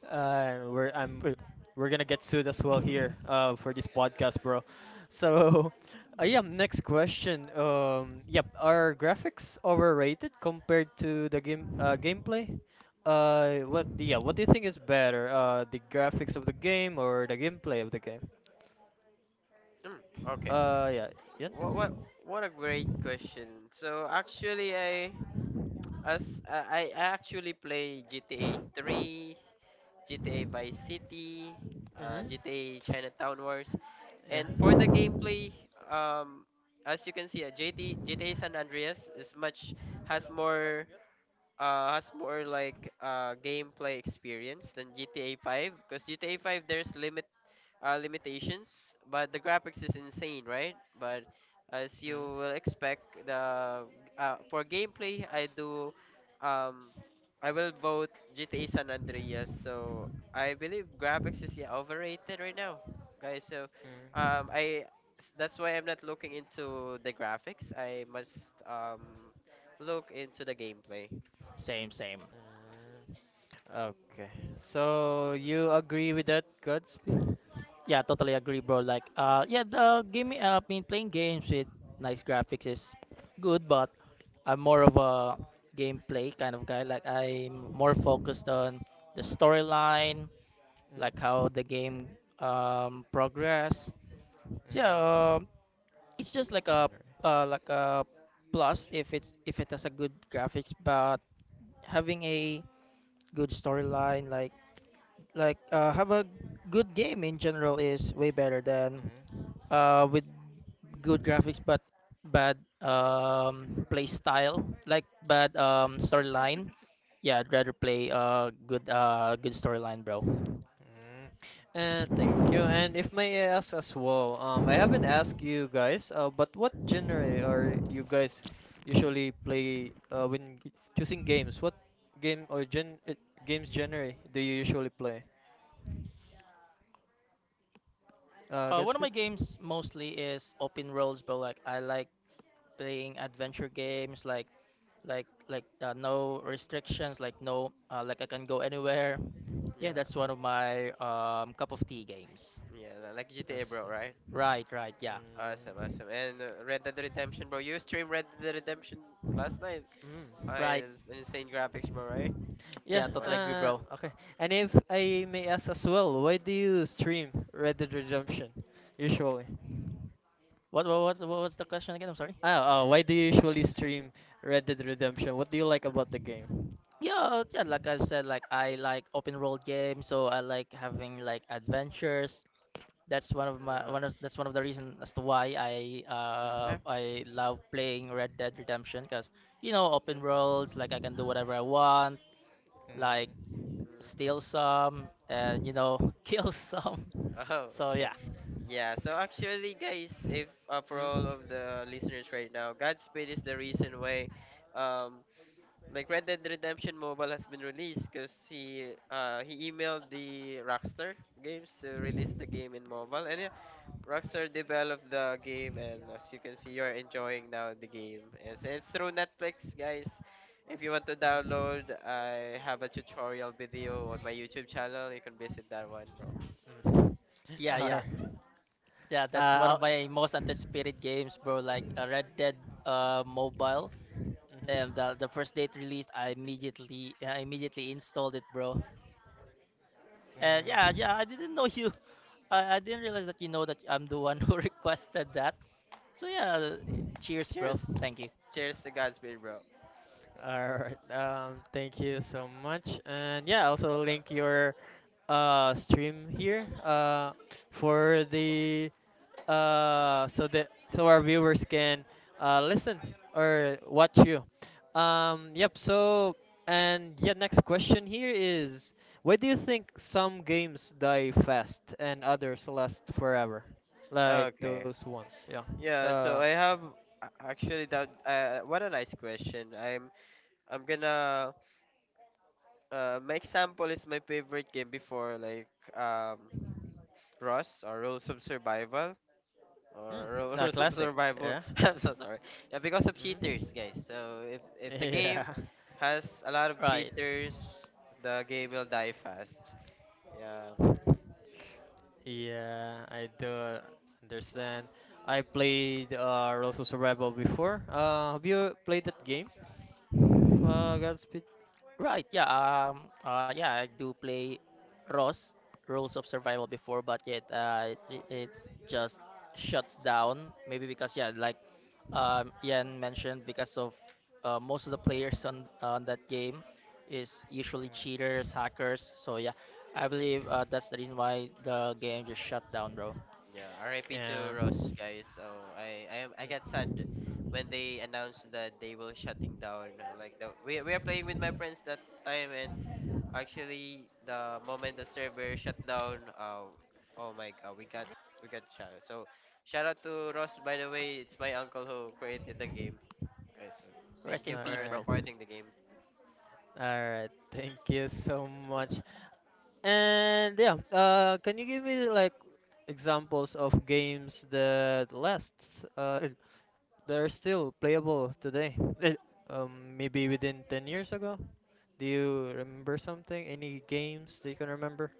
[SPEAKER 1] We're I'm we're gonna get sued as well here for this podcast, bro. So, yeah. Next question. Yep. Are graphics overrated compared to the game gameplay? What yeah? What do you think is better? The graphics of the game or the gameplay of the game?
[SPEAKER 3] Hmm, okay.
[SPEAKER 1] Yeah. Yeah.
[SPEAKER 3] What what what a great question. So actually, I actually play GTA 3, GTA Vice City,
[SPEAKER 1] Mm-hmm.
[SPEAKER 3] GTA Chinatown Wars,
[SPEAKER 1] Yeah.
[SPEAKER 3] and for the gameplay, um, as you can see, GTA San Andreas is much has more has more gameplay experience than GTA 5 because GTA 5 there's limitations, but the graphics is insane, right? But as you will
[SPEAKER 1] Mm.
[SPEAKER 3] expect, the for gameplay, um, I will vote GTA San Andreas. So I believe graphics is yeah, overrated right now, guys. So,
[SPEAKER 1] Mm. Mm.
[SPEAKER 3] um, I that's why I'm not looking into the graphics. I must look into the gameplay.
[SPEAKER 2] Same, same.
[SPEAKER 1] Okay. So you agree with that, Godspeed?
[SPEAKER 2] Yeah, totally agree, bro. Like, yeah, the game, I mean, playing games with nice graphics is good, but I'm more of a gameplay kind of guy. Like, I'm more focused on the storyline, like
[SPEAKER 1] Mm.
[SPEAKER 2] how the game progress.
[SPEAKER 1] Mm.
[SPEAKER 2] So, yeah, um, it's just like a uh, like a plus if it's if it has a good graphics, but having a good storyline, like have a good game in general is way better than
[SPEAKER 1] Mm.
[SPEAKER 2] with good graphics but bad play style, like bad storyline. Yeah, I'd rather play good storyline, bro.
[SPEAKER 1] Mm. And thank you. And if may I ask as well, I haven't asked you guys, but what genre are you guys usually play when g- choosing games? What game or gen games genre do you usually play?
[SPEAKER 2] One of my
[SPEAKER 1] Gatsby?
[SPEAKER 2] games mostly is open worlds, but like I like playing adventure games, like no restrictions, like no, like I can go anywhere. Yeah,
[SPEAKER 3] Yeah,
[SPEAKER 2] that's one of my cup of tea games.
[SPEAKER 3] yeah, like GTA, bro,
[SPEAKER 1] Mm-hmm.
[SPEAKER 3] right?
[SPEAKER 2] Right, right, yeah,
[SPEAKER 3] Awesome,
[SPEAKER 1] Mm.
[SPEAKER 3] awesome. And Red Dead Redemption, bro. You streamed Red Dead Redemption last night.
[SPEAKER 1] Mm.
[SPEAKER 3] Hi,
[SPEAKER 2] right,
[SPEAKER 3] it's insane graphics, bro, right?
[SPEAKER 1] Yeah,
[SPEAKER 2] yeah, totally
[SPEAKER 3] What?
[SPEAKER 2] agree, bro.
[SPEAKER 1] okay. And if I may ask as well, why do you stream Red Dead Redemption usually?
[SPEAKER 2] What was the question again? I'm sorry.
[SPEAKER 1] Oh, oh, why do you usually stream Red Dead Redemption? What do you like about the game?
[SPEAKER 2] Yeah, yeah, like I've said, like I like open world games, so I like having like adventures. That's one of my
[SPEAKER 3] Uh,
[SPEAKER 2] one of that's one of the reasons as to why I
[SPEAKER 1] Mhm.
[SPEAKER 2] uh
[SPEAKER 3] eh,
[SPEAKER 2] I love playing Red Dead Redemption because you know open
[SPEAKER 3] yeah.
[SPEAKER 2] worlds, like I can do whatever I want, like
[SPEAKER 3] Mhm.
[SPEAKER 2] steal some and you know kill some.
[SPEAKER 3] Oh,
[SPEAKER 2] So
[SPEAKER 3] okay.
[SPEAKER 2] yeah,
[SPEAKER 3] Yeah, so actually, guys, if for
[SPEAKER 1] Mm.
[SPEAKER 3] all
[SPEAKER 1] Mm.
[SPEAKER 3] of the listeners right now, Godspeed is the reason why, um, like Red Dead Redemption Mobile has been released because he emailed the Rockstar Games to release the game in mobile, and yeah, Rockstar developed the game, and as you can see, you're enjoying now the game. Yes, and it's through Netflix, guys. If you want to download, I have a tutorial video on my YouTube channel. You can visit that one, bro.
[SPEAKER 1] Mm.
[SPEAKER 2] yeah,
[SPEAKER 1] Mm.
[SPEAKER 2] yeah,
[SPEAKER 1] Alright.
[SPEAKER 2] yeah. That's one of
[SPEAKER 1] I'll,
[SPEAKER 2] my most anticipated games, bro. Like Red Dead mobile. um,
[SPEAKER 1] mhm.
[SPEAKER 2] the the first date released, I immediately installed it, bro. And yeah, yeah, I didn't know you. I,
[SPEAKER 1] Mm.
[SPEAKER 2] I didn't realize that you know that I'm the one who requested that. So yeah, cheers, bro.
[SPEAKER 3] Cheers.
[SPEAKER 2] Thank you.
[SPEAKER 3] Cheers to Godspeed, bro.
[SPEAKER 1] All right. Thank you so much. And yeah, also link your uh, stream here uh, for the uh, so that so our viewers can uh, listen or watch you. Yep. So and yeah, next question here is why do you think some games die fast and others last forever? Like
[SPEAKER 3] Okay.
[SPEAKER 1] those ones. Yeah.
[SPEAKER 3] Yeah,
[SPEAKER 1] Uh,
[SPEAKER 3] so I have actually that what a nice question. I'm gonna My example is my favorite game before like um Rust or Rules of Survival.
[SPEAKER 1] mm,
[SPEAKER 3] Or
[SPEAKER 1] a
[SPEAKER 3] rules of
[SPEAKER 1] classic.
[SPEAKER 3] survival.
[SPEAKER 1] Yeah.
[SPEAKER 3] I'm so sorry. Yeah, because of cheaters,
[SPEAKER 1] Hmm.
[SPEAKER 3] guys. So if the game
[SPEAKER 1] Yeah.
[SPEAKER 3] has a lot of
[SPEAKER 2] Right.
[SPEAKER 3] cheaters, the game will die fast. Yeah,
[SPEAKER 1] Yeah, I do understand. I played Rules of Survival before. Have you played that game? Godspeed?
[SPEAKER 2] Right, yeah, yeah, I do play ROS, Rules of Survival before, but yet, it just shuts down. Maybe because, yeah, like Ian mentioned, because of most of the players on that
[SPEAKER 1] Mm.
[SPEAKER 2] game is usually cheaters, hackers. So, yeah, I believe that's the reason why the game just shut down, bro.
[SPEAKER 3] yeah. R.I.P. to
[SPEAKER 1] Yeah.
[SPEAKER 3] Ross,
[SPEAKER 1] Mm.
[SPEAKER 3] guys. So I got sad when they announced that they will shutting down. Like the we are playing with my friends that time and actually, the moment the server shut down, oh my god, we got shot. So, shout out to Ross. By the way, it's my uncle who created the game. Okay, so thank
[SPEAKER 2] Rest in
[SPEAKER 3] you
[SPEAKER 2] peace,
[SPEAKER 3] for
[SPEAKER 2] bro.
[SPEAKER 1] Alright.
[SPEAKER 3] supporting the game.
[SPEAKER 1] Alright. Thank you so much. And yeah, can you give me like examples of games that last? Uh, they are still playable today. Eh, um, maybe within 10 years ago. Do you remember something? Any games that you can remember?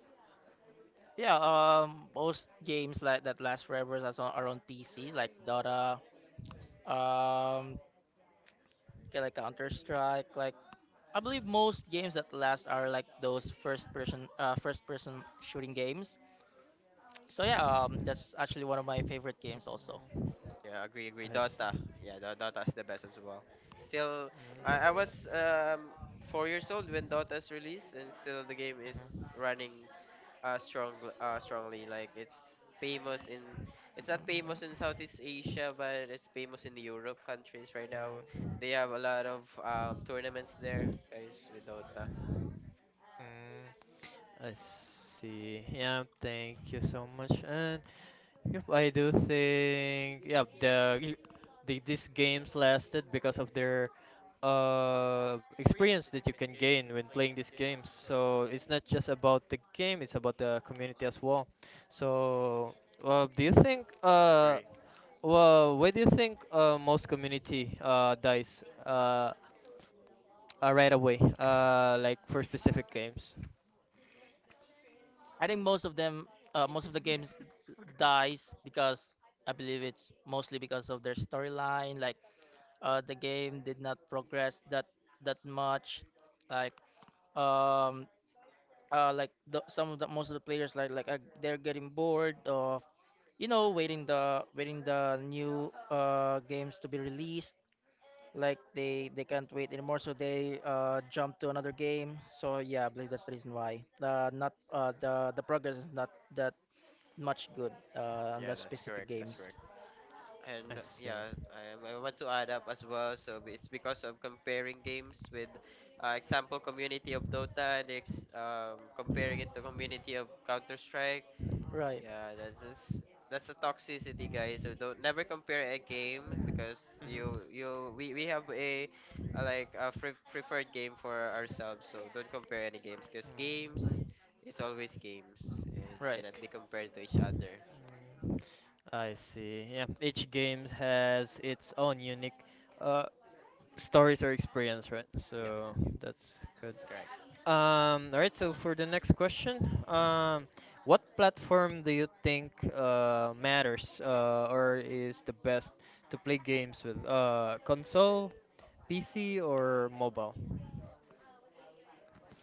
[SPEAKER 2] Yeah, most games like that last forever as on, are on PC, like Dota. Um, Okay, like Counter Strike. Like I believe most games that last are like those first person shooting games. So yeah, that's actually one of my favorite games also.
[SPEAKER 3] Yeah, agree, agree.
[SPEAKER 1] I
[SPEAKER 3] Dota,
[SPEAKER 1] see.
[SPEAKER 3] yeah, Dota is the best as well. Still,
[SPEAKER 1] Mm,
[SPEAKER 3] I was 4 years old when Dota's released, and still the game is
[SPEAKER 1] mhm,
[SPEAKER 3] running uh strong uh strongly like famous in it's not famous in
[SPEAKER 2] Mm,
[SPEAKER 3] Southeast Asia but it's famous in the Europe countries right now.
[SPEAKER 1] mm,
[SPEAKER 3] They have a lot of tournaments there, guys, with Dota.
[SPEAKER 1] mm. I see. Yeah, thank you so much. And yep, I do think yeah the these games lasted because of their uh, experience that you can gain when playing these games. So it's not just about the game; it's about the community as well. So, well, do you think
[SPEAKER 3] Agree.
[SPEAKER 1] well, where do you think most community uh, dies uh, right away uh, like for specific games?
[SPEAKER 2] I think most of them, most of the games dies because I believe it's mostly because of their storyline. Like the game did not progress that much. Like um, like some of the most of the players like are, they're getting bored, you know, waiting the new games to be released. Like they can't wait anymore, so they jump to another game. So yeah, I believe that's the reason why not the progress is not that much good on
[SPEAKER 3] Yeah,
[SPEAKER 2] the
[SPEAKER 3] that's
[SPEAKER 2] specific
[SPEAKER 3] correct. That's
[SPEAKER 2] games.
[SPEAKER 3] correct.
[SPEAKER 1] I
[SPEAKER 3] And
[SPEAKER 1] see.
[SPEAKER 3] yeah, I want to add up as well. So it's because of comparing games with, example, community of Dota and comparing it to community of Counter Strike.
[SPEAKER 2] Right.
[SPEAKER 3] Yeah, that's a toxicity, guys. So don't never compare a game because you
[SPEAKER 1] Hmm.
[SPEAKER 3] you we have a like a free, preferred game for ourselves. So don't compare any games because games is always games and it
[SPEAKER 2] Right.
[SPEAKER 3] cannot be compared to each other.
[SPEAKER 1] I see. Yeah, each game has its own unique uh, stories or experience,
[SPEAKER 3] Yep,
[SPEAKER 1] right?
[SPEAKER 3] yep,
[SPEAKER 1] So that's good.
[SPEAKER 3] that's correct.
[SPEAKER 1] All right. So for the next question, um, what platform do you think matters or is the best to play games with? Console, PC, or mobile?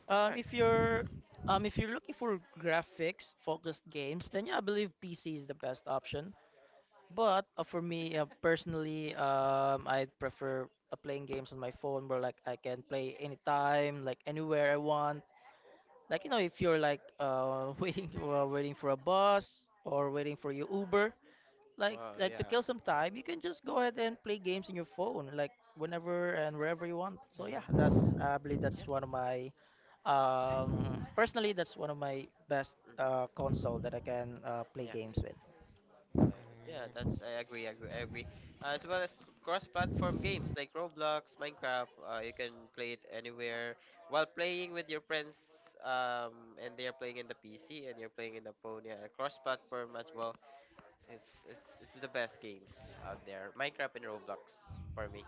[SPEAKER 3] All right.
[SPEAKER 2] If you're looking for graphics focused games, then yeah, I believe PC is the best option. But for me, personally, I prefer playing games on my phone where like I can play anytime, like anywhere I want. Like you know, if you're like waiting for a bus or waiting for your Uber, like
[SPEAKER 3] Wow!
[SPEAKER 2] to
[SPEAKER 3] Yeah,
[SPEAKER 2] kill some time, you can just go ahead and play games in your phone, like whenever and wherever you want. So yeah, that's
[SPEAKER 1] Mm.
[SPEAKER 2] I believe
[SPEAKER 3] yeah,
[SPEAKER 2] that's one of my um, personally, that's one of my best
[SPEAKER 3] mhm,
[SPEAKER 2] console that I can play
[SPEAKER 3] yeah.
[SPEAKER 2] games with.
[SPEAKER 3] Uh, yeah,
[SPEAKER 1] Mm.
[SPEAKER 3] that's I agree, I agree, I agree. As well as cross-platform games like Roblox, Minecraft, you can play it anywhere while playing with your friends. And they are playing in the PC and you're playing in the phone. Yeah, cross-platform as well. It's the best games out there. Minecraft and Roblox for me.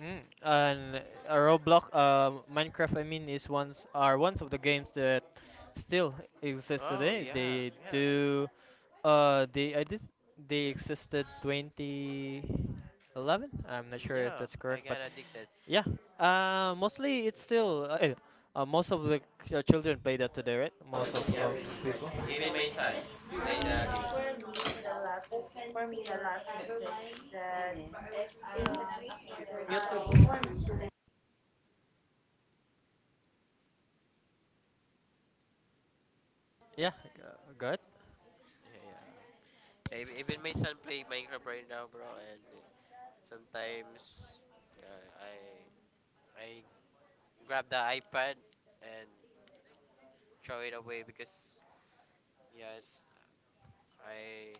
[SPEAKER 1] Mm, and Roblox, Minecraft, I mean, is ones are ones of the games that still exist
[SPEAKER 3] Oh
[SPEAKER 1] today.
[SPEAKER 3] yeah,
[SPEAKER 1] They
[SPEAKER 3] yeah,
[SPEAKER 1] do, uh, they I did they existed 2011. I'm not sure if
[SPEAKER 3] yeah.
[SPEAKER 1] that's
[SPEAKER 3] I
[SPEAKER 1] correct,
[SPEAKER 3] got
[SPEAKER 1] but
[SPEAKER 3] addicted
[SPEAKER 1] yeah, mostly it's
[SPEAKER 3] as well.
[SPEAKER 1] still eh, most of the ch- children play that today, right? Most of
[SPEAKER 3] Yeah,
[SPEAKER 1] people.
[SPEAKER 3] yeah. Even my son played the
[SPEAKER 2] For
[SPEAKER 3] game.
[SPEAKER 2] me, the last for me, the last message that YouTube. I want.
[SPEAKER 1] Yeah, g- good.
[SPEAKER 3] Yeah, yeah. Yeah, even my son play Minecraft right now, bro, and sometimes yeah, I grab the iPad and throw it away because yes, I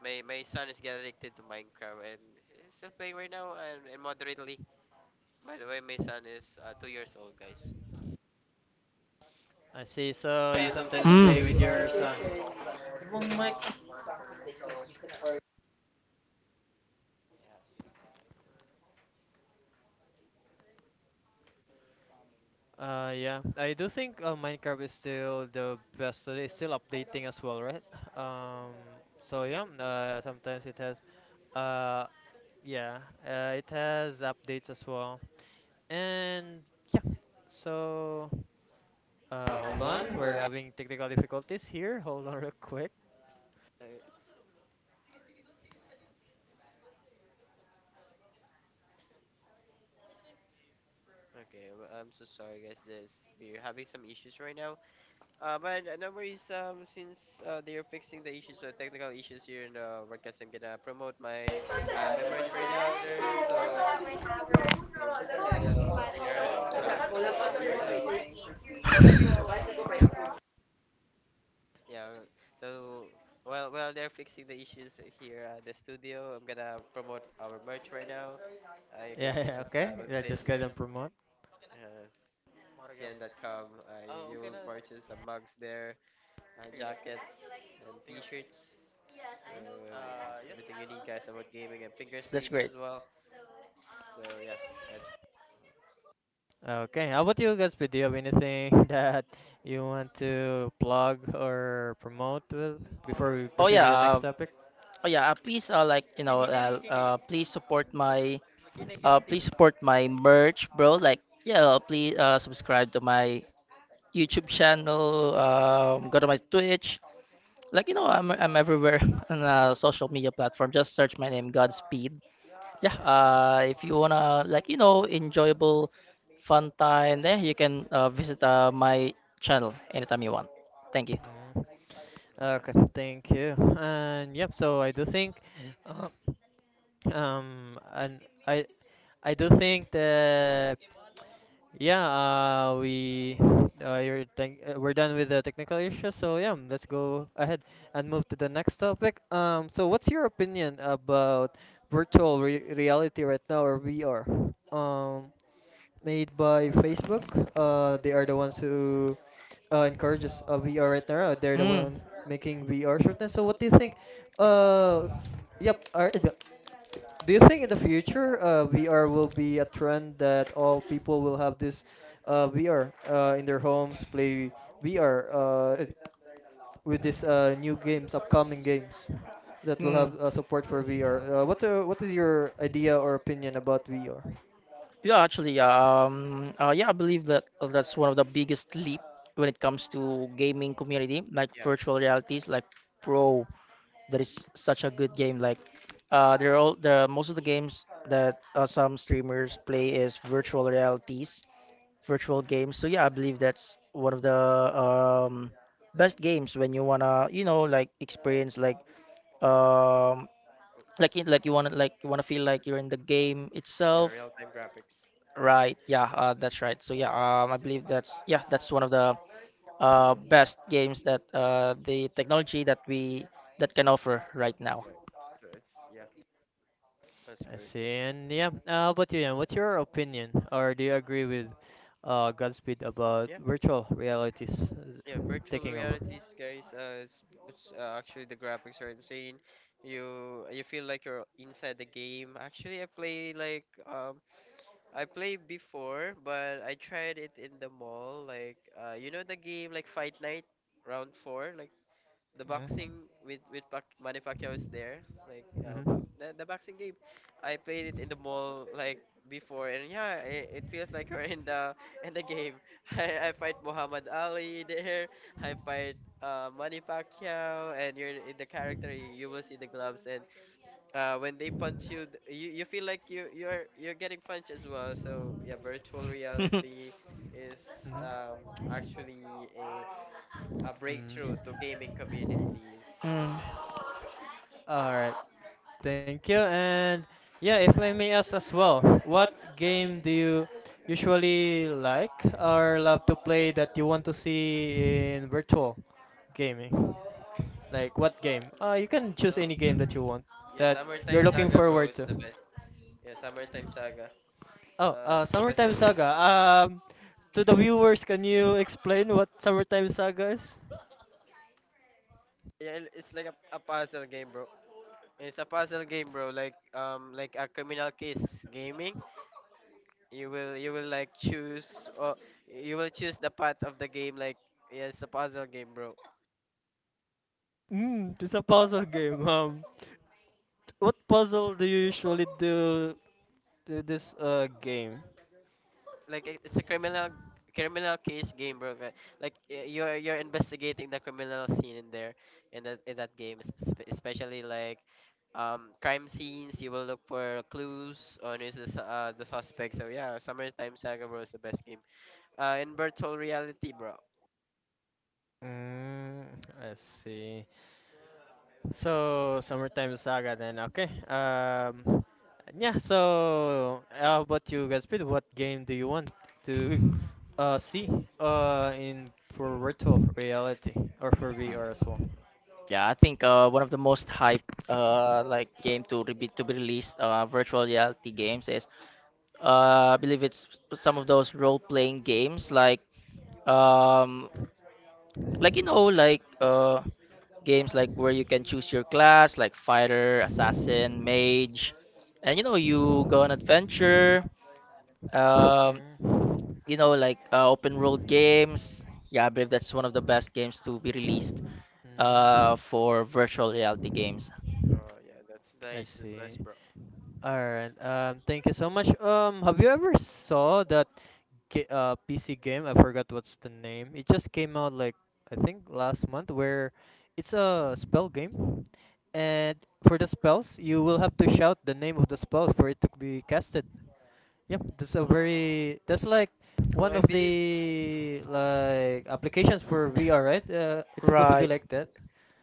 [SPEAKER 3] my my son is getting addicted to Minecraft and he's still playing right now and moderately. By the way, my son is 2 years old, guys.
[SPEAKER 1] I see. So you sometimes play with your
[SPEAKER 2] Mm.
[SPEAKER 1] son. Yeah, I do think Minecraft is still the best. So it's still updating as well, right? Um, so yeah, sometimes it has, uh, yeah, it has updates as well. And yeah, so hold on, we're having technical difficulties here. Hold on real quick.
[SPEAKER 3] I, okay, well, I'm so sorry, guys. This We're having some issues right now. But No worries. Since they are fixing the issues, so technical issues here in the podcast, I'm gonna promote my my merch right now, sir. So and still we are still having some issues right now. Yeah. So while they're fixing the issues here at the studio, I'm gonna promote our merch right now. You can
[SPEAKER 1] Yeah, yeah,
[SPEAKER 3] visit the
[SPEAKER 1] okay. Yeah,
[SPEAKER 3] website.
[SPEAKER 1] just go ahead
[SPEAKER 3] It's
[SPEAKER 1] and promote.
[SPEAKER 3] uh, cn.com. You will purchase some mugs there, jackets and t-shirts. So everything you need, guys, about gaming and finger
[SPEAKER 2] That's
[SPEAKER 3] sleeves
[SPEAKER 2] great.
[SPEAKER 3] as well. So yeah, that's
[SPEAKER 1] Okay, how about you guys? Do you have anything that you want to plug or promote with before we
[SPEAKER 2] Oh
[SPEAKER 1] proceed
[SPEAKER 2] yeah,
[SPEAKER 1] with the next topic?
[SPEAKER 2] oh yeah. Please, like you know, please support my merch, bro. Like, yeah, please subscribe to my YouTube channel. Go to my Twitch. Like, you know, I'm everywhere on a social media platform. Just search my name, Godspeed. Yeah.
[SPEAKER 3] yeah,
[SPEAKER 2] If you wanna, like, you know, enjoyable, fun time, there you can visit my channel anytime you want. Thank you.
[SPEAKER 1] Mm, okay,
[SPEAKER 3] awesome.
[SPEAKER 1] thank you. And yep, so I do think, uh, and I I do think that yeah, we you're thank we're done with the technical issues. So yeah, let's go ahead and move to the next topic. So what's your opinion about virtual re reality right now or VR? Um, made by Facebook. They are the ones who encourages VR right now. They're the
[SPEAKER 2] Mm.
[SPEAKER 1] ones making VR shortness. So what do you think? Uh, yep. Do you think in the future VR will be a trend that all people will have this VR in their homes, play VR with these new games, upcoming games that will have
[SPEAKER 2] Mm.
[SPEAKER 1] support for VR? What is your idea or opinion about VR?
[SPEAKER 2] Yeah, actually, yeah. Yeah, I believe that that's one of the biggest leap when it comes to gaming community, like
[SPEAKER 3] Yeah,
[SPEAKER 2] virtual realities, like Pro. That is such a good game. Like, they're all the most of the games that some streamers play is virtual realities, virtual games. So yeah, I believe that's one of the um best games when you wanna, you know, like experience like um you want to feel like you're in the game
[SPEAKER 3] yeah,
[SPEAKER 2] itself.
[SPEAKER 3] real-time graphics.
[SPEAKER 2] Right, yeah, that's right. So yeah, I believe that's yeah, that's one of the
[SPEAKER 3] Yep.
[SPEAKER 2] best games that the technology that we that can offer right now.
[SPEAKER 3] Yeah, so it's yeah, that's
[SPEAKER 1] I
[SPEAKER 3] good.
[SPEAKER 1] see. And yeah, how about you, Ian? What's your opinion, or do you agree with Godspeed about
[SPEAKER 3] Yeah,
[SPEAKER 1] virtual realities
[SPEAKER 3] yeah, virtual
[SPEAKER 1] taking over?
[SPEAKER 3] realities, guys. It's Actually the graphics are insane. You feel like you're inside the game. Actually, I played before, but I tried it in the mall. Like you know the game like Fight Night, round four, like the
[SPEAKER 1] Mm-hmm.
[SPEAKER 3] boxing with Manny Pacquiao is there. Like
[SPEAKER 1] Mm-hmm.
[SPEAKER 3] but the boxing game, I played it in the mall like before, and yeah, it feels like you're in the in the game. I fight Muhammad Ali there. I fight Manny Pacquiao, and you're in the character. You will see the gloves, and when they punch you, you feel like you're getting punched as well. So yeah, virtual reality is actually a a breakthrough to
[SPEAKER 1] Mm-hmm.
[SPEAKER 3] gaming communities.
[SPEAKER 2] Mm.
[SPEAKER 1] All right. Thank you. And yeah, if I may ask as well, what game do you usually like or love to play that you want to see in virtual gaming? Like what game? You can
[SPEAKER 3] Mhm.
[SPEAKER 1] choose
[SPEAKER 3] Oh,
[SPEAKER 1] any
[SPEAKER 3] so
[SPEAKER 1] game that you want
[SPEAKER 3] yeah,
[SPEAKER 1] that you're
[SPEAKER 3] Summertime
[SPEAKER 1] looking
[SPEAKER 3] Saga, bro,
[SPEAKER 1] forward
[SPEAKER 3] is
[SPEAKER 1] to.
[SPEAKER 3] the best. Yeah, Summertime Saga.
[SPEAKER 1] Oh,
[SPEAKER 3] It's the best
[SPEAKER 1] Summertime
[SPEAKER 3] game.
[SPEAKER 1] Saga. To the viewers, can you explain what Summertime Saga is?
[SPEAKER 3] Yeah, it's like a puzzle game, bro. It's a puzzle game, bro. Like a criminal case gaming. You will like choose or you will choose the path of the game. Like yeah, it's a puzzle game, bro.
[SPEAKER 1] Hmm, it's a puzzle game. What puzzle do you usually do to this game?
[SPEAKER 3] Like it's a criminal case game, bro. Like you're investigating the criminal scene in that game, especially like crime scenes. You will look for clues on who's the the suspect. So yeah, Summertime Saga, bro, is the best game. In virtual reality, bro.
[SPEAKER 1] Mm, let's see. So Summertime Saga then. Okay. Yeah. So how about you guys? Pete? What game do you want to see in for virtual reality or for VR as well?
[SPEAKER 2] Yeah, I think one of the most hyped like game to re- be to be released virtual reality games is I believe it's some of those role playing games, um like you know like games like where you can choose your class, like fighter, assassin, mage, and you know you go on adventure. Um,
[SPEAKER 1] Mm.
[SPEAKER 2] you know, like open world games. Yeah, I believe that's one of the best games to be released
[SPEAKER 1] Mm.
[SPEAKER 2] for virtual reality games.
[SPEAKER 3] Oh yeah, that's
[SPEAKER 1] I
[SPEAKER 3] nice. That's nice,
[SPEAKER 1] see.
[SPEAKER 3] bro.
[SPEAKER 1] Alright, thank you so much. Have you ever saw that PC game? I forgot what's the name. It just came out like I think last month, where it's a spell game, and for the spells, you will have to shout the name of the spell for it to be casted. Yep, that's a
[SPEAKER 3] Oh,
[SPEAKER 1] very that's like
[SPEAKER 3] well,
[SPEAKER 1] one
[SPEAKER 3] I
[SPEAKER 1] of
[SPEAKER 3] believe.
[SPEAKER 1] the
[SPEAKER 3] Mhm.
[SPEAKER 1] applications for VR, right? It's supposed
[SPEAKER 3] Um,
[SPEAKER 1] to be
[SPEAKER 2] Right.
[SPEAKER 1] like that.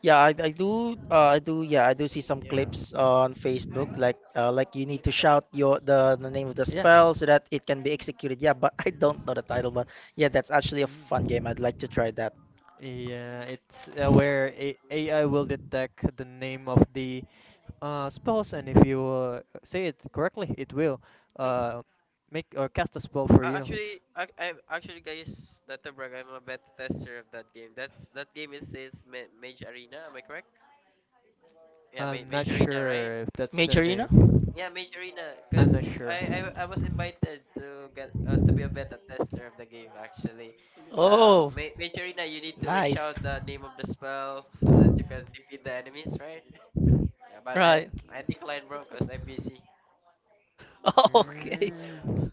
[SPEAKER 2] Yeah, I do. Yeah, I do see some
[SPEAKER 3] yeah.
[SPEAKER 2] clips on Facebook. Like you need to shout the name of the
[SPEAKER 1] Yeah.
[SPEAKER 2] spell so that it can be executed. Yeah, but I don't know the title. But yeah, that's actually a fun game. I'd
[SPEAKER 1] Mm.
[SPEAKER 2] like to try that.
[SPEAKER 1] Yeah, it's where A AI will detect the name of the spouse, and if you say it correctly, it will uh, make or cast a spell for you.
[SPEAKER 3] Actually, I actually guys, not to brag, I'm a beta tester of that game. That's that game is Mage Arena. Am I correct? Yeah,
[SPEAKER 1] I'm not
[SPEAKER 3] Mage Arena, right?
[SPEAKER 1] sure if that's the
[SPEAKER 2] Majorina?
[SPEAKER 1] name.
[SPEAKER 3] Yeah, Mage Arena.
[SPEAKER 1] I'm not
[SPEAKER 3] Cause
[SPEAKER 1] sure.
[SPEAKER 3] I was invited to get to be a beta tester of the game actually.
[SPEAKER 2] Oh,
[SPEAKER 3] Mage Arena, you need to like
[SPEAKER 2] nice.
[SPEAKER 3] shout the name of the spell so that you can defeat the enemies, right? Yeah, but
[SPEAKER 2] Right.
[SPEAKER 3] I declined, bro, cause I'm busy.
[SPEAKER 2] Oh, okay.
[SPEAKER 1] Mm.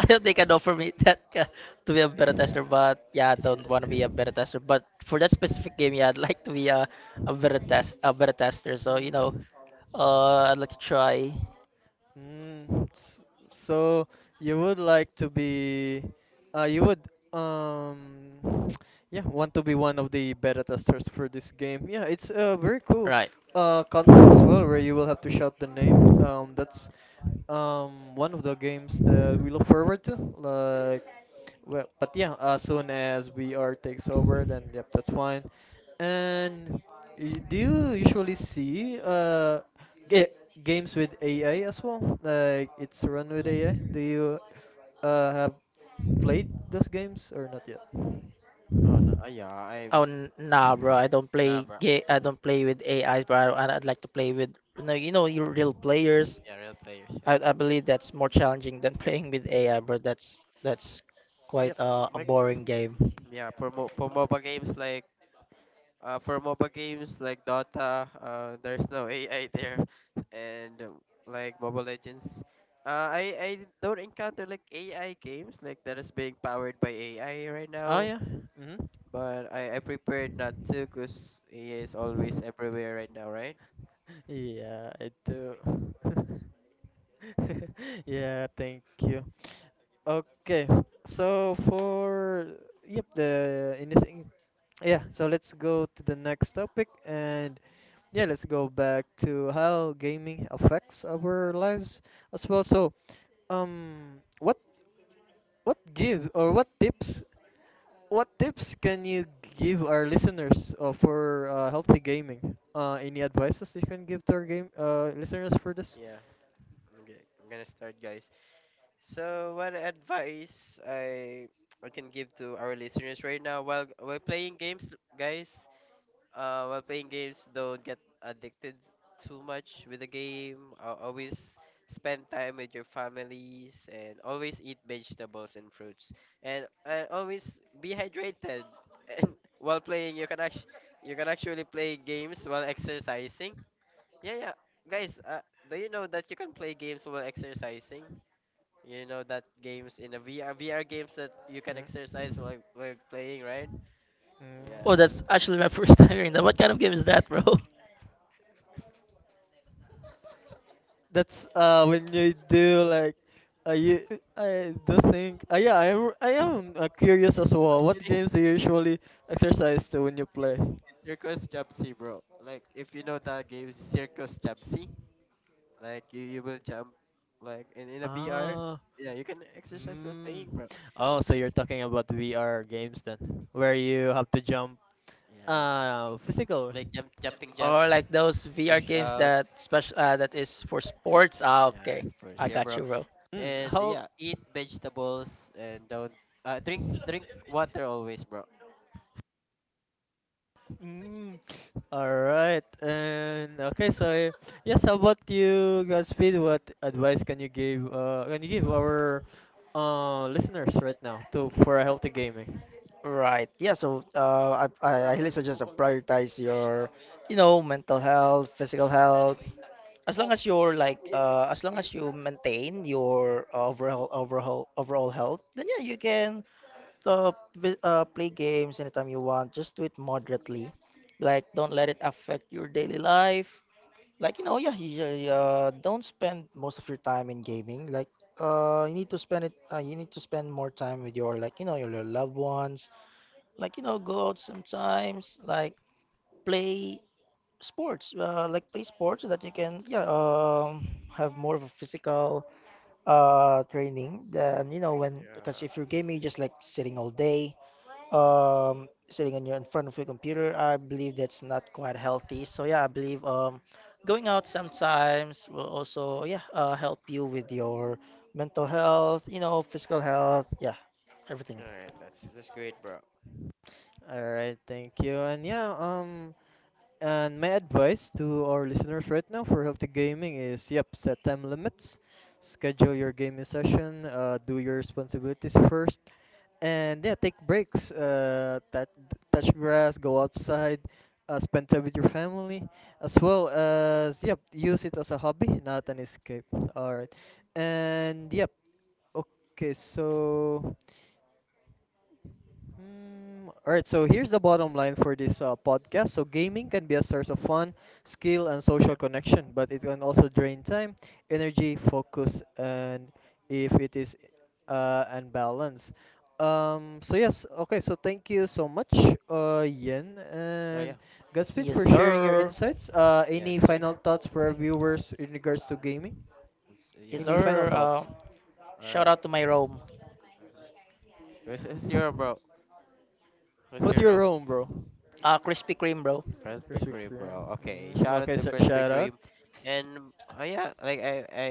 [SPEAKER 2] I don't think I'd offer me that to be a better
[SPEAKER 3] Yeah,
[SPEAKER 2] tester,
[SPEAKER 3] I'm
[SPEAKER 2] but yeah, I
[SPEAKER 3] busy
[SPEAKER 2] don't
[SPEAKER 3] that
[SPEAKER 2] want to
[SPEAKER 3] time,
[SPEAKER 2] be a
[SPEAKER 3] bro.
[SPEAKER 2] better tester. But for that specific game, yeah, I'd like to be a, a better tester. So you know, I'd like to try.
[SPEAKER 1] Mm, s- so you would like to be, you would um, yeah, want to be one of the beta testers for this game. Yeah, it's a very cool
[SPEAKER 2] Right.
[SPEAKER 1] concept as well, where you will have to shout the name. That's one of the games that we look forward to. Like, well, but yeah, as soon as VR takes over, then yep, that's fine. And do you usually see ga games with AI as well? Like it's run with AI? Do you have played those games or not yet?
[SPEAKER 3] Oh no, yeah,
[SPEAKER 2] Oh,
[SPEAKER 3] I'm
[SPEAKER 2] nah, bro.
[SPEAKER 3] Nah, bro.
[SPEAKER 2] I don't play with AIs, bro. And I'd like to play with you know, your real players.
[SPEAKER 3] Yeah, real players, yeah, bro.
[SPEAKER 2] I believe that's more challenging than playing with AI, bro. That's quite
[SPEAKER 3] Yep.
[SPEAKER 2] a
[SPEAKER 3] Like
[SPEAKER 2] boring game.
[SPEAKER 3] yeah, for MOBA games like Dota, there's no AI there, and like Mobile Legends, I don't encounter like AI games like that is being powered by AI right
[SPEAKER 1] Oh
[SPEAKER 3] now.
[SPEAKER 1] yeah. Mm-hmm.
[SPEAKER 3] But I prepared not to, cause AI is always everywhere right now, right?
[SPEAKER 1] Yeah, I do. Yeah, thank you. Okay. So for yep, the anything. Yeah, so let's go to the next topic and yeah, let's go back to how gaming affects our lives as well. So, um, what what give or what tips can you give our listeners for healthy gaming? Any advices you can give to our game listeners for this?
[SPEAKER 3] Yeah. Okay, I'm gonna start, guys. So what advice I can give to our listeners right now while playing games, guys? While playing games, don't get addicted too much with the game. Always spend time with your families and always eat vegetables and fruits. And always be hydrated. And while playing, you can actually play games while exercising. Yeah, yeah, guys. Do you know that you can play games while exercising? You know that games in a VR games that you can
[SPEAKER 1] Mm.
[SPEAKER 3] exercise while playing, right? Yeah.
[SPEAKER 2] Oh,
[SPEAKER 1] Mm.
[SPEAKER 2] that's actually my first time hearing that. What kind of game is that, bro?
[SPEAKER 1] That's when you do like uh, you, I do think yeah I am curious as well. What
[SPEAKER 3] Actually.
[SPEAKER 1] games do you usually exercise to when you play?
[SPEAKER 3] Yeah, Circus Jump Sea, bro. Like if you know that game, Circus Jump Sea. Like you will jump, like in a VR.
[SPEAKER 1] Ah,
[SPEAKER 3] Yeah, you can exercise while playing,
[SPEAKER 1] mm.
[SPEAKER 3] bro.
[SPEAKER 1] Oh, so you're talking about VR games then, where you have to jump
[SPEAKER 3] Yeah,
[SPEAKER 1] physical.
[SPEAKER 3] like jumping
[SPEAKER 2] Or like
[SPEAKER 3] jacks,
[SPEAKER 2] those VR
[SPEAKER 3] push
[SPEAKER 2] games that
[SPEAKER 3] ups.
[SPEAKER 2] special, that is for sports? Ah,
[SPEAKER 3] Yeah,
[SPEAKER 2] okay.
[SPEAKER 3] sports.
[SPEAKER 2] I
[SPEAKER 3] Yeah,
[SPEAKER 2] got
[SPEAKER 3] bro.
[SPEAKER 2] you, bro.
[SPEAKER 1] Mm,
[SPEAKER 3] And
[SPEAKER 1] how
[SPEAKER 3] yeah, eat vegetables and don't drink water always, bro.
[SPEAKER 1] Mm, all right. And okay, so yes, how about you, Godspeed? What advice can you give our listeners right now to for a healthy gaming?
[SPEAKER 2] Right. Yeah, so I highly suggest to prioritize your, you know, mental health, physical health. As long as you're like, as long as you maintain your overall health, then yeah, you can play games anytime you want. Just do it moderately. Like, don't let it affect your daily life. Like, you know, yeah, don't spend most of your time in gaming. Like, you need to spend it. You need to spend more time with your, like, you know, your loved ones. Like, you know, go out sometimes. Like, play sports, play sports so that you can yeah have more of a physical training than you know when, because if you're gaming just like sitting all day, sitting on your in front of your computer, I believe that's not quite healthy. So yeah, I believe going out sometimes will also yeah help you with your mental health, you know, physical health, yeah, everything.
[SPEAKER 3] All right, that's great, bro.
[SPEAKER 1] All right, thank you. And yeah, and my advice to our listeners right now for healthy gaming is yep, set time limits, schedule your gaming session, do your responsibilities first, and yeah, take breaks, touch grass, go outside, spend time with your family, as well as yep, use it as a hobby, not an escape. All right, and yep, okay, so. Mm, all right, so here's the bottom line for this podcast. So, gaming can be a source of fun, skill, and social
[SPEAKER 3] Yeah.
[SPEAKER 1] connection, but it can also drain time, energy, focus, and if it is unbalanced. So, yes, okay, so thank you so much, Yen
[SPEAKER 3] Oh
[SPEAKER 1] and
[SPEAKER 3] yeah.
[SPEAKER 1] Gaspit
[SPEAKER 2] Yes,
[SPEAKER 3] Mm.
[SPEAKER 1] for sharing your
[SPEAKER 2] sir.
[SPEAKER 1] insights. Any
[SPEAKER 3] Yes, sure.
[SPEAKER 1] final thoughts for our viewers in regards to
[SPEAKER 3] Mm.
[SPEAKER 1] gaming?
[SPEAKER 2] Yes,
[SPEAKER 3] Yeah.
[SPEAKER 1] Any final
[SPEAKER 2] sir.
[SPEAKER 1] thoughts?
[SPEAKER 3] All
[SPEAKER 2] Shout
[SPEAKER 3] right.
[SPEAKER 2] out to my Rome.
[SPEAKER 3] Mm-hmm. Who's your bro? Who's
[SPEAKER 1] What's
[SPEAKER 3] your
[SPEAKER 1] your
[SPEAKER 3] bro?
[SPEAKER 1] room, bro?
[SPEAKER 2] Krispy Kreme, bro.
[SPEAKER 3] Krispy
[SPEAKER 1] Krispy
[SPEAKER 3] Kreme, bro.
[SPEAKER 1] Kreme.
[SPEAKER 3] Okay,
[SPEAKER 1] Mm,
[SPEAKER 3] shout out
[SPEAKER 1] okay,
[SPEAKER 3] to
[SPEAKER 1] so
[SPEAKER 3] Krispy
[SPEAKER 1] shout
[SPEAKER 3] Kreme,
[SPEAKER 1] out.
[SPEAKER 3] and oh yeah,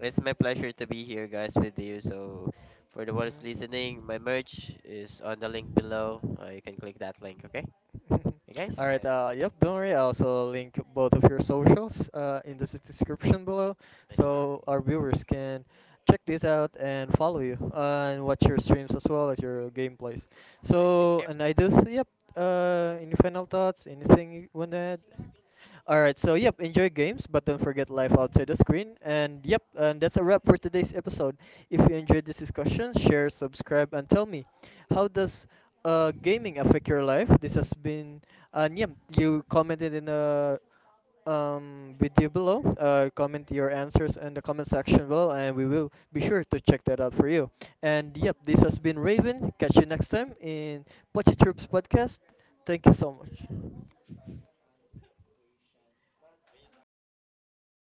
[SPEAKER 3] it's my pleasure to be here, guys, with you. So, for the ones listening, my merch is on the link below. You can click that link, okay? Hey guys,
[SPEAKER 1] All right,
[SPEAKER 3] and
[SPEAKER 1] yep, don't worry. I also link both of your socials uh, in the
[SPEAKER 3] okay,
[SPEAKER 1] s- description below
[SPEAKER 3] nice, bro.
[SPEAKER 1] so our viewers can check this out and follow you and watch your streams as well as your gameplays.
[SPEAKER 3] Nice, thank
[SPEAKER 1] So, and
[SPEAKER 3] you.
[SPEAKER 1] yep, any final thoughts? Anything you want to add? All right, so yep, enjoy games, but don't forget life outside the screen. And yep, and that's a wrap for today's episode. If you enjoyed this discussion, share, subscribe, and tell me how does gaming affect your life? This has been, and yep, you commented in a video below. Comment your answers in the comment section below, and we will be sure to check that out for you. And yep, this has been Raven. Catch you next time in Pochi Troops podcast. Thank you so much.